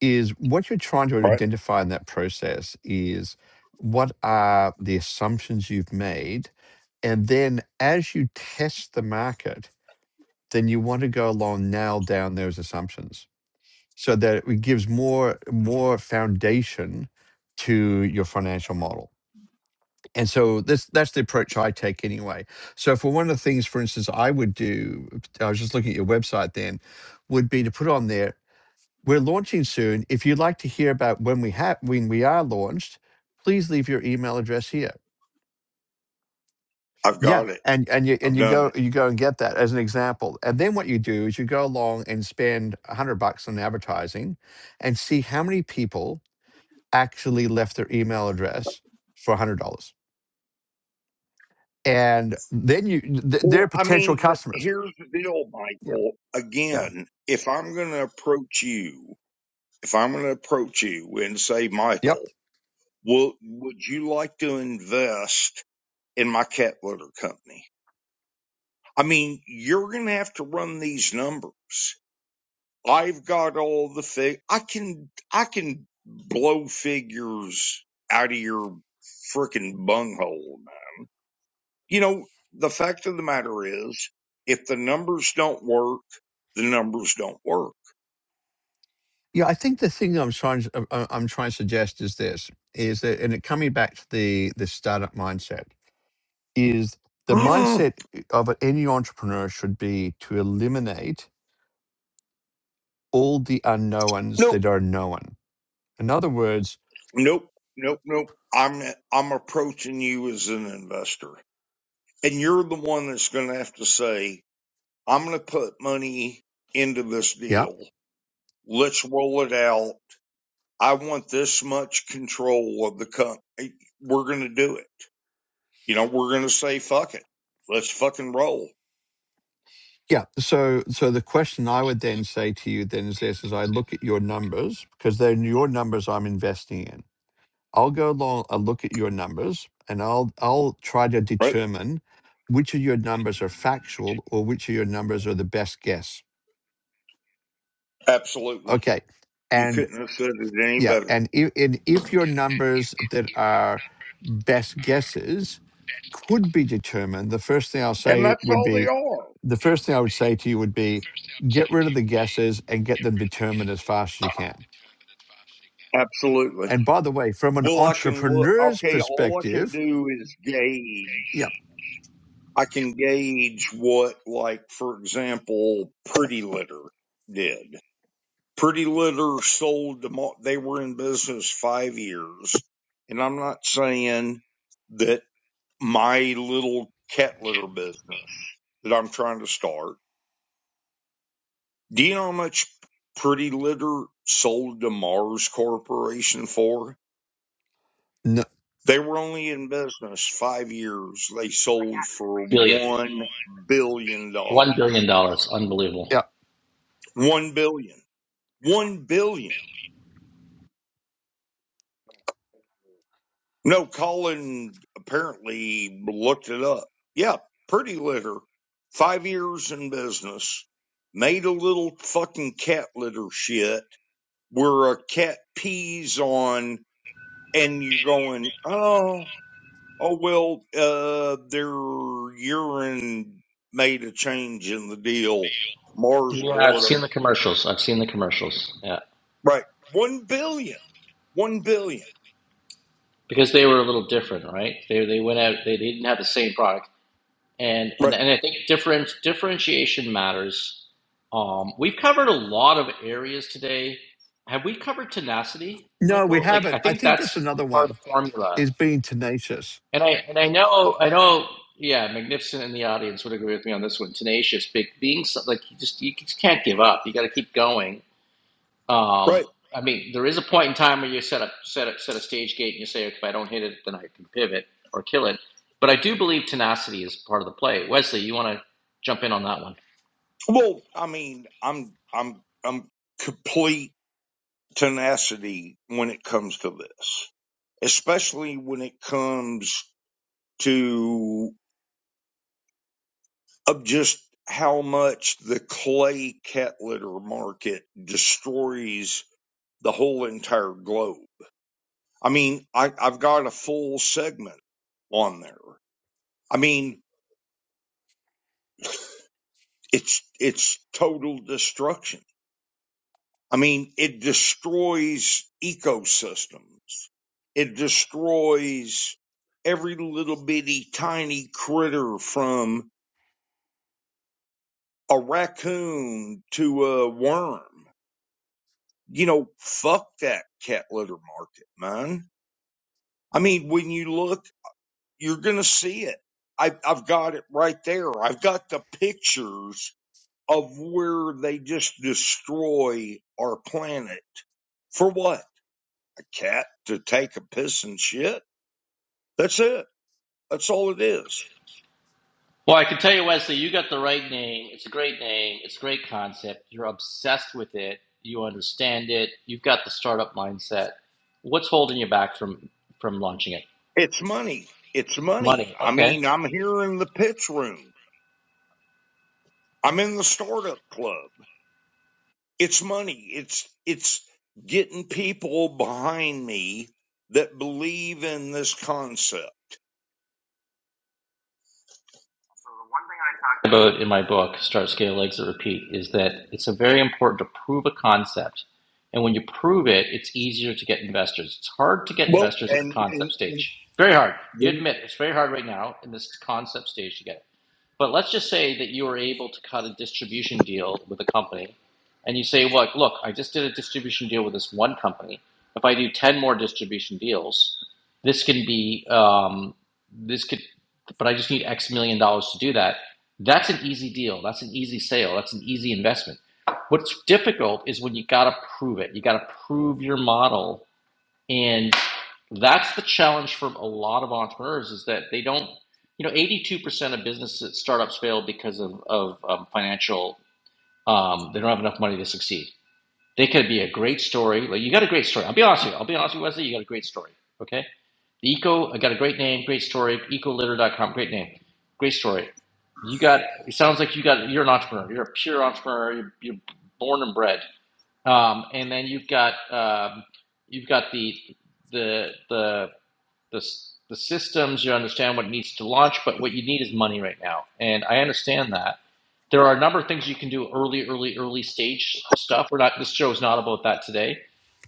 is what you're trying to
right?
identify in that process is what are the assumptions you've made and then as you test the market, then you want to go along nail down those assumptions so that it gives more more foundation to your financial model. And so this that's the approach I take anyway. So for one of the things, for instance, I would do, I was just looking at your website then, would be to put on there, we're launching soon. If you'd like to hear about when we have when we are launched, please leave your email address here.
I've
Yeah.
got it.
And and you and
I've
you
done
go
it.
you go and get that as an example. And then what you do is you go along and spend a hundred bucks on advertising and see how many people actually left their email address for $100 and then you th- they're
Well, I
potential
mean, but
customers.
here's the deal,
Yeah,
Michael.
yeah,
Again, if I'm going to approach you, if I'm going to approach you and say, Michael,
yep,
will, would you like to invest in my cat litter company? I mean, you're going to have to run these numbers I've got all the fig. I can I can blow figures out of your frickin' bunghole. You know, the fact of the matter is, if the numbers don't work, the numbers don't work.
yeah. I think the thing I'm trying to, I'm I'm trying to suggest is this is that, and it coming back to the the startup mindset is the
Mm-mm.
mindset of any entrepreneur should be to eliminate all the unknowns
Nope,
that are known. In other words,
nope, nope, nope. I'm I'm approaching you as an investor, and you're the one that's going to have to say, "I'm going to put money into this
yeah,
deal. Let's roll it out." I want this much control of the company. We're going to do it. You know, we're going to say, fuck it. Let's fucking roll.
yeah. So, so the question I would then say to you then is this: as I look at your numbers, because they're your numbers I'm investing in I'll go along and look at your numbers and I'll I'll try to
Right?
determine which of your numbers are factual or which of your numbers are the best guess.
Absolutely.
Okay.
You
And
couldn't have said it any
yeah,
better.
and if, and if your numbers that are best guesses could be determined, the first thing I'll
And
say
that's
would
all they
be
are.
the first thing I would say to you would be get rid of the guesses and get them determined as fast as you can.
Absolutely.
And by the way, from an
Well, I can look,
entrepreneur's
okay, all I can
perspective,
do is gauge.
yeah,
I can gauge what, like, for example, Pretty Litter did. Pretty Litter sold, them all- they were in business five years. And I'm not saying that my little cat litter business that I'm trying to start. Do you know how much Pretty Litter sold to Mars Corporation for?
no.
They were only in business five years. They sold for
Billion.
one billion dollars.
One billion dollars.
yeah.
Unbelievable.
One billion. One billion. No, Colin apparently looked it up. Yeah, Pretty Litter, five years in business, made a little fucking cat litter shit were a cat peas on and you're going, oh, oh, well, uh, their urine made a change in the deal. Mars
Yeah, I've seen
boredom.
the commercials. I've seen the commercials. Yeah.
Right. One billion, one billion,
because they were a little different, right? They they went out they didn't have the same product, and and
Right.
and I think different differentiation matters. Um, we've covered a lot of areas today. Have we covered tenacity,
No, we
Michael? Like I
haven't. I
think
think that's
that's
another
part of
one
the formula,
is being tenacious.
and I and I know I know. Yeah, Magnificent in the audience would agree with me on this one. Tenacious, big, being so- like you just you just can't give up. You got to keep going um,
Right.
I mean, there is a point in time where you set up set up set a stage gate and you say, okay, if I don't hit it, then I can pivot or kill it. But I do believe tenacity is part of the play. Wesley, you want to jump in on that one?
Well, I mean, I'm, I'm, I'm complete tenacity when it comes to this, especially when it comes to. of just how much the clay cat litter market destroys the whole entire globe. I mean, I, I've got a full segment on there. I mean, it's it's total destruction. I mean, it destroys ecosystems. It destroys every little bitty tiny critter from a raccoon to a worm. you know, fuck that cat litter market, man. I mean, when you look, you're going to see it. I, I've got it right there. I've got the pictures of where they just destroy our planet. For what? A cat to take a piss and shit? That's it. That's all it is.
Well, I can tell you, Wesley, you got the right name. It's a great name. It's a great concept. You're obsessed with it. You understand it. You've got the startup mindset. What's holding you back from from launching it?
It's money. It's money.
Money.
I
Okay.
mean, I'm here in the pitch room. I'm in the startup club. it's money. It's it's getting people behind me that believe in this concept.
about in my book, Start, Scale, Exit, Repeat, is that it's a very important to prove a concept. And when you prove it, it's easier to get investors. It's hard to get
Well,
investors at a
and, and,
concept
and
stage. Very hard. You
then,
admit it's very hard right now in this concept stage to get it. But let's just say that you were able to cut a distribution deal with a company, and you say, "Look, look, I just did a distribution deal with this one company. If I do ten more distribution deals, this can be um, this could, but I just need X million dollars to do that." That's an easy deal. That's an easy sale. That's an easy investment. What's difficult is when you got to prove it. You got to prove your model and that's the challenge for a lot of entrepreneurs is that they don't, you know, 82% of businesses, startups fail because of, of um, financial, um, they don't have enough money to succeed. They could be a great story. Like you got a great story. I'll be honest with you. I'll be honest with you, Wesley. You got a great story. Okay. The eco, I got a great name, great story. Ecolitter.com, great name, great story. You got, it sounds like you got, you're an entrepreneur. You're a pure entrepreneur. You're, you're born and bred. Um, and then you've got um, you've got the the the the s- the systems. You understand what needs to launch, but what you need is money right now. And I understand that there are a number of things you can do early, early, early stage stuff. We're not this show is not about that today.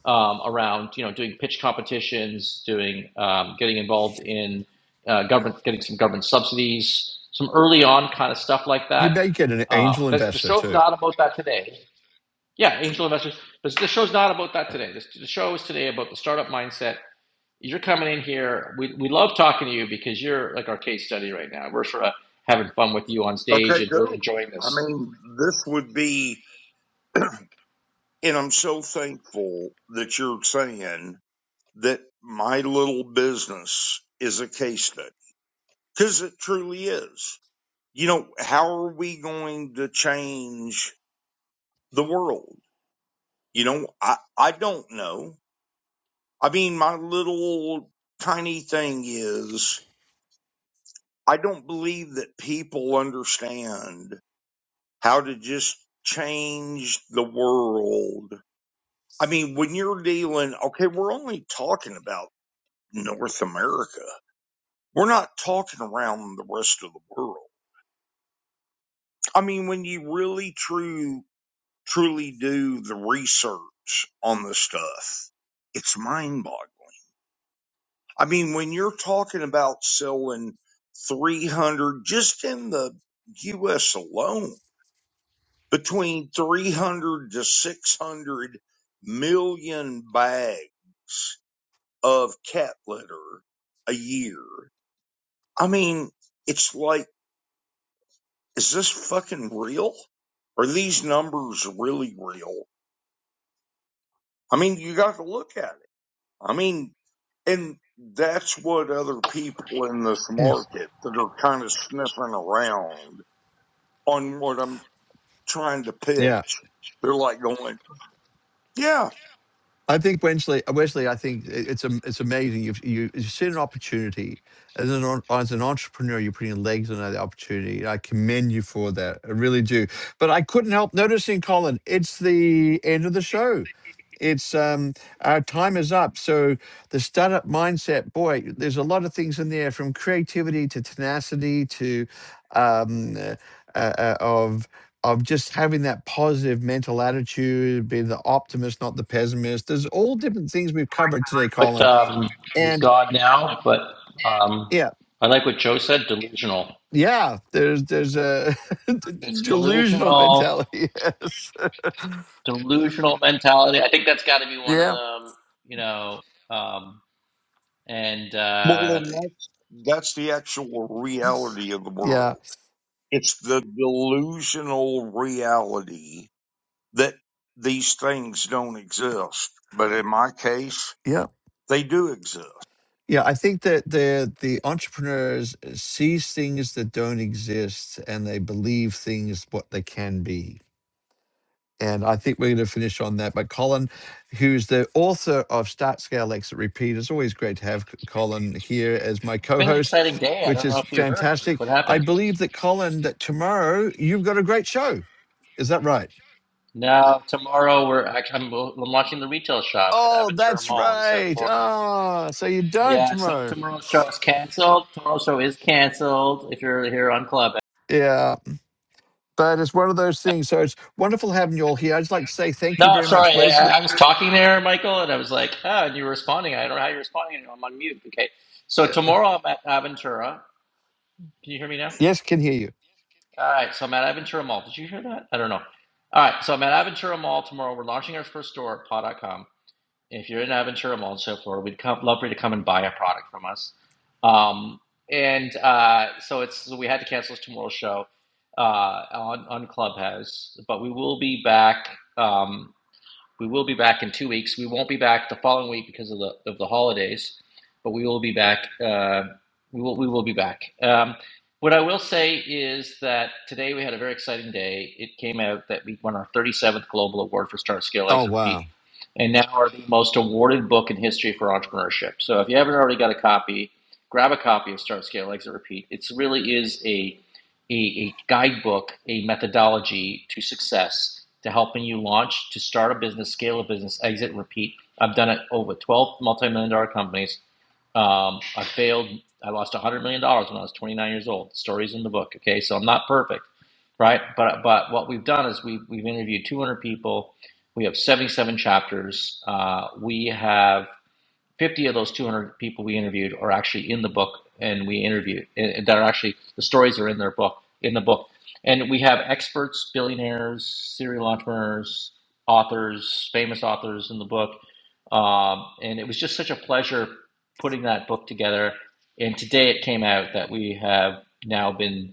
Um, around you know doing pitch competitions, doing um, getting involved in uh, government, getting some government subsidies, some early on kind of stuff like
You
that.
may get an
Uh,
angel
that's, the
investor
show's
too.
not about that today. Yeah, angel investors. But the show's not about that today. This, the show is today about the startup mindset. You're coming in here. We, we love talking to you because you're like our case study right now. We're sort of having fun with you on stage
okay,
and really
go.
enjoying
I
this.
mean, This would be, and I'm so thankful that you're saying that my little business is a case study because it truly is. You know, how are we going to change the world? You know, I, I don't know. I mean, my little tiny thing is I don't believe that people understand how to just change the world. I mean, when you're dealing, okay, we're only talking about North America. We're not talking around the rest of the world. I mean, when you really true, truly do the research on the stuff, it's mind boggling. I mean, when you're talking about selling 300 just in the US alone, between 300 to 600 million bags of cat litter a year. I mean, it's like, is this fucking real? Are these numbers really real? I mean, you got to look at it. I mean, and that's what other people in this
Yeah.
market that are kind of sniffing around on what I'm trying to
Yeah.
pitch, they're like going, yeah,
I think Wesley. Wesley, I think it- it's am- it's amazing. You've you, you've seen an opportunity as an en- as an entrepreneur. You're putting legs on that opportunity. I commend you for that. I really do. But I couldn't help noticing, Colin. It's the end of the show. It's um our time is up. So the startup mindset, boy, there's a lot of things in there from creativity to tenacity to um uh, uh, uh, of of just having that positive mental attitude, being the optimist, not the pessimist. There's all different things we've covered today,
But
Colin.
um, he's
And
God now. But um,
yeah,
I like what Joe said. Delusional.
yeah, there's there's a
It's
delusional
delusional.
mentality. Yes.
Delusional mentality. I think that's got to be one of
Yeah.
them. You know. Um, and
well,
uh,
then that's, that's the actual reality of the world.
Yeah.
It's the delusional reality that these things don't exist. But in my case,
Yeah.
they do exist.
Yeah. I think that the the entrepreneurs sees things that don't exist and they believe things what they can be. And I think we're going to finish on that. But Colin, who's the author of Start Scale Exit Repeat, it's always great to have Colin here as my
it's
co
been an
host,
exciting
which is
few heard.
fantastic.
What
I
happened?
believe that, Colin, that tomorrow you've got a great show. Is that right?
Now, tomorrow we're actually I'm, I'm launching the retail shop at
Oh,
Aventura
that's
Mall in South
right.
Florida.
Ah, so you don't
Yeah, so
tomorrow.
tomorrow's show is canceled. Tomorrow's show is canceled. If you're here on Club,
Yeah, but it's one of those things. So it's wonderful having you all here. I'd just like to say thank you
no,
very much,
sorry,
Wesley.
I, I was talking there, Michael, and I was like, ah, and you were responding. I don't know how you're responding. I'm on mute. Okay, so
uh,
tomorrow I'm at Aventura. Can you hear me now?
Yes, can hear you.
All right, so I'm at Aventura Mall. Did you hear that? I don't know. All right, so I'm at Aventura Mall tomorrow. We're launching our first store at paw dot com. if you're in Aventura Mall and so forth, we'd come, love for you to come and buy a product from us. Um, and uh, so it's so we had to cancel tomorrow's show uh, on on Clubhouse, but we will be back. Um, we will be back in two weeks. We won't be back the following week because of the of the holidays, but we will be back. Uh, we will we will be back. Um, what I will say is that today we had a very exciting day. It came out that we won our 37th global award for Start Scale
Oh,
Exit Repeat,
wow.
and now are the most awarded book in history for entrepreneurship. So if you haven't already got a copy, grab a copy of Start Scale Exit Repeat. It really is a a, a guidebook, a methodology to success to helping you launch, to start a business, scale a business, exit, repeat. I've done it over 12 multi-million dollar companies. Um, I failed. I lost $100 million dollars when I was 29 years old. The story's in the book. Okay. So I'm not perfect, right? But, but what we've done is we've, we've interviewed 200 people. We have 77 chapters. Uh, we have 50 of those 200 people we interviewed are actually in the book and we interviewed that are actually the stories are in their book in the book and we have experts billionaires serial entrepreneurs authors famous authors in the book um, and it was just such a pleasure putting that book together and today it came out that we have now been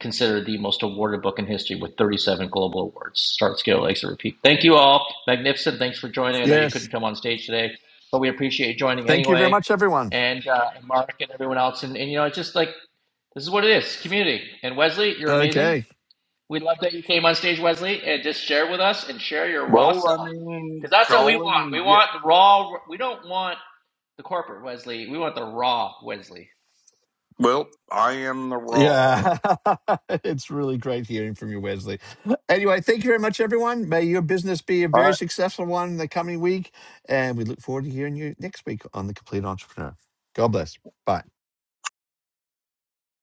considered the most awarded book in history with 37 global awards. Start, scale, exit, repeat. Thank you all. Magnificent. Thanks for joining. I know you
Yes.
couldn't come on stage today, but we appreciate you joining
Thank you very
anyway.
much, everyone.
And, uh, and Mark and everyone else. And, and, you know, it's just like, this is what it is community. And Wesley, you're
Okay.
amazing. We love that you came on stage, Wesley, and just share with us and share your raw
Well, I
self. Because
mean,
that's what we want.
Colin,
We
yeah.
want the raw, we don't want the corporate Wesley. We want the raw Wesley.
Well, I am the raw.
Yeah, it's really great hearing from you, Wesley. Anyway, thank you very much, everyone. May your business be a
I.
very successful one in the coming week. And we look forward to hearing you next week on The Complete Entrepreneur. God bless. Bye.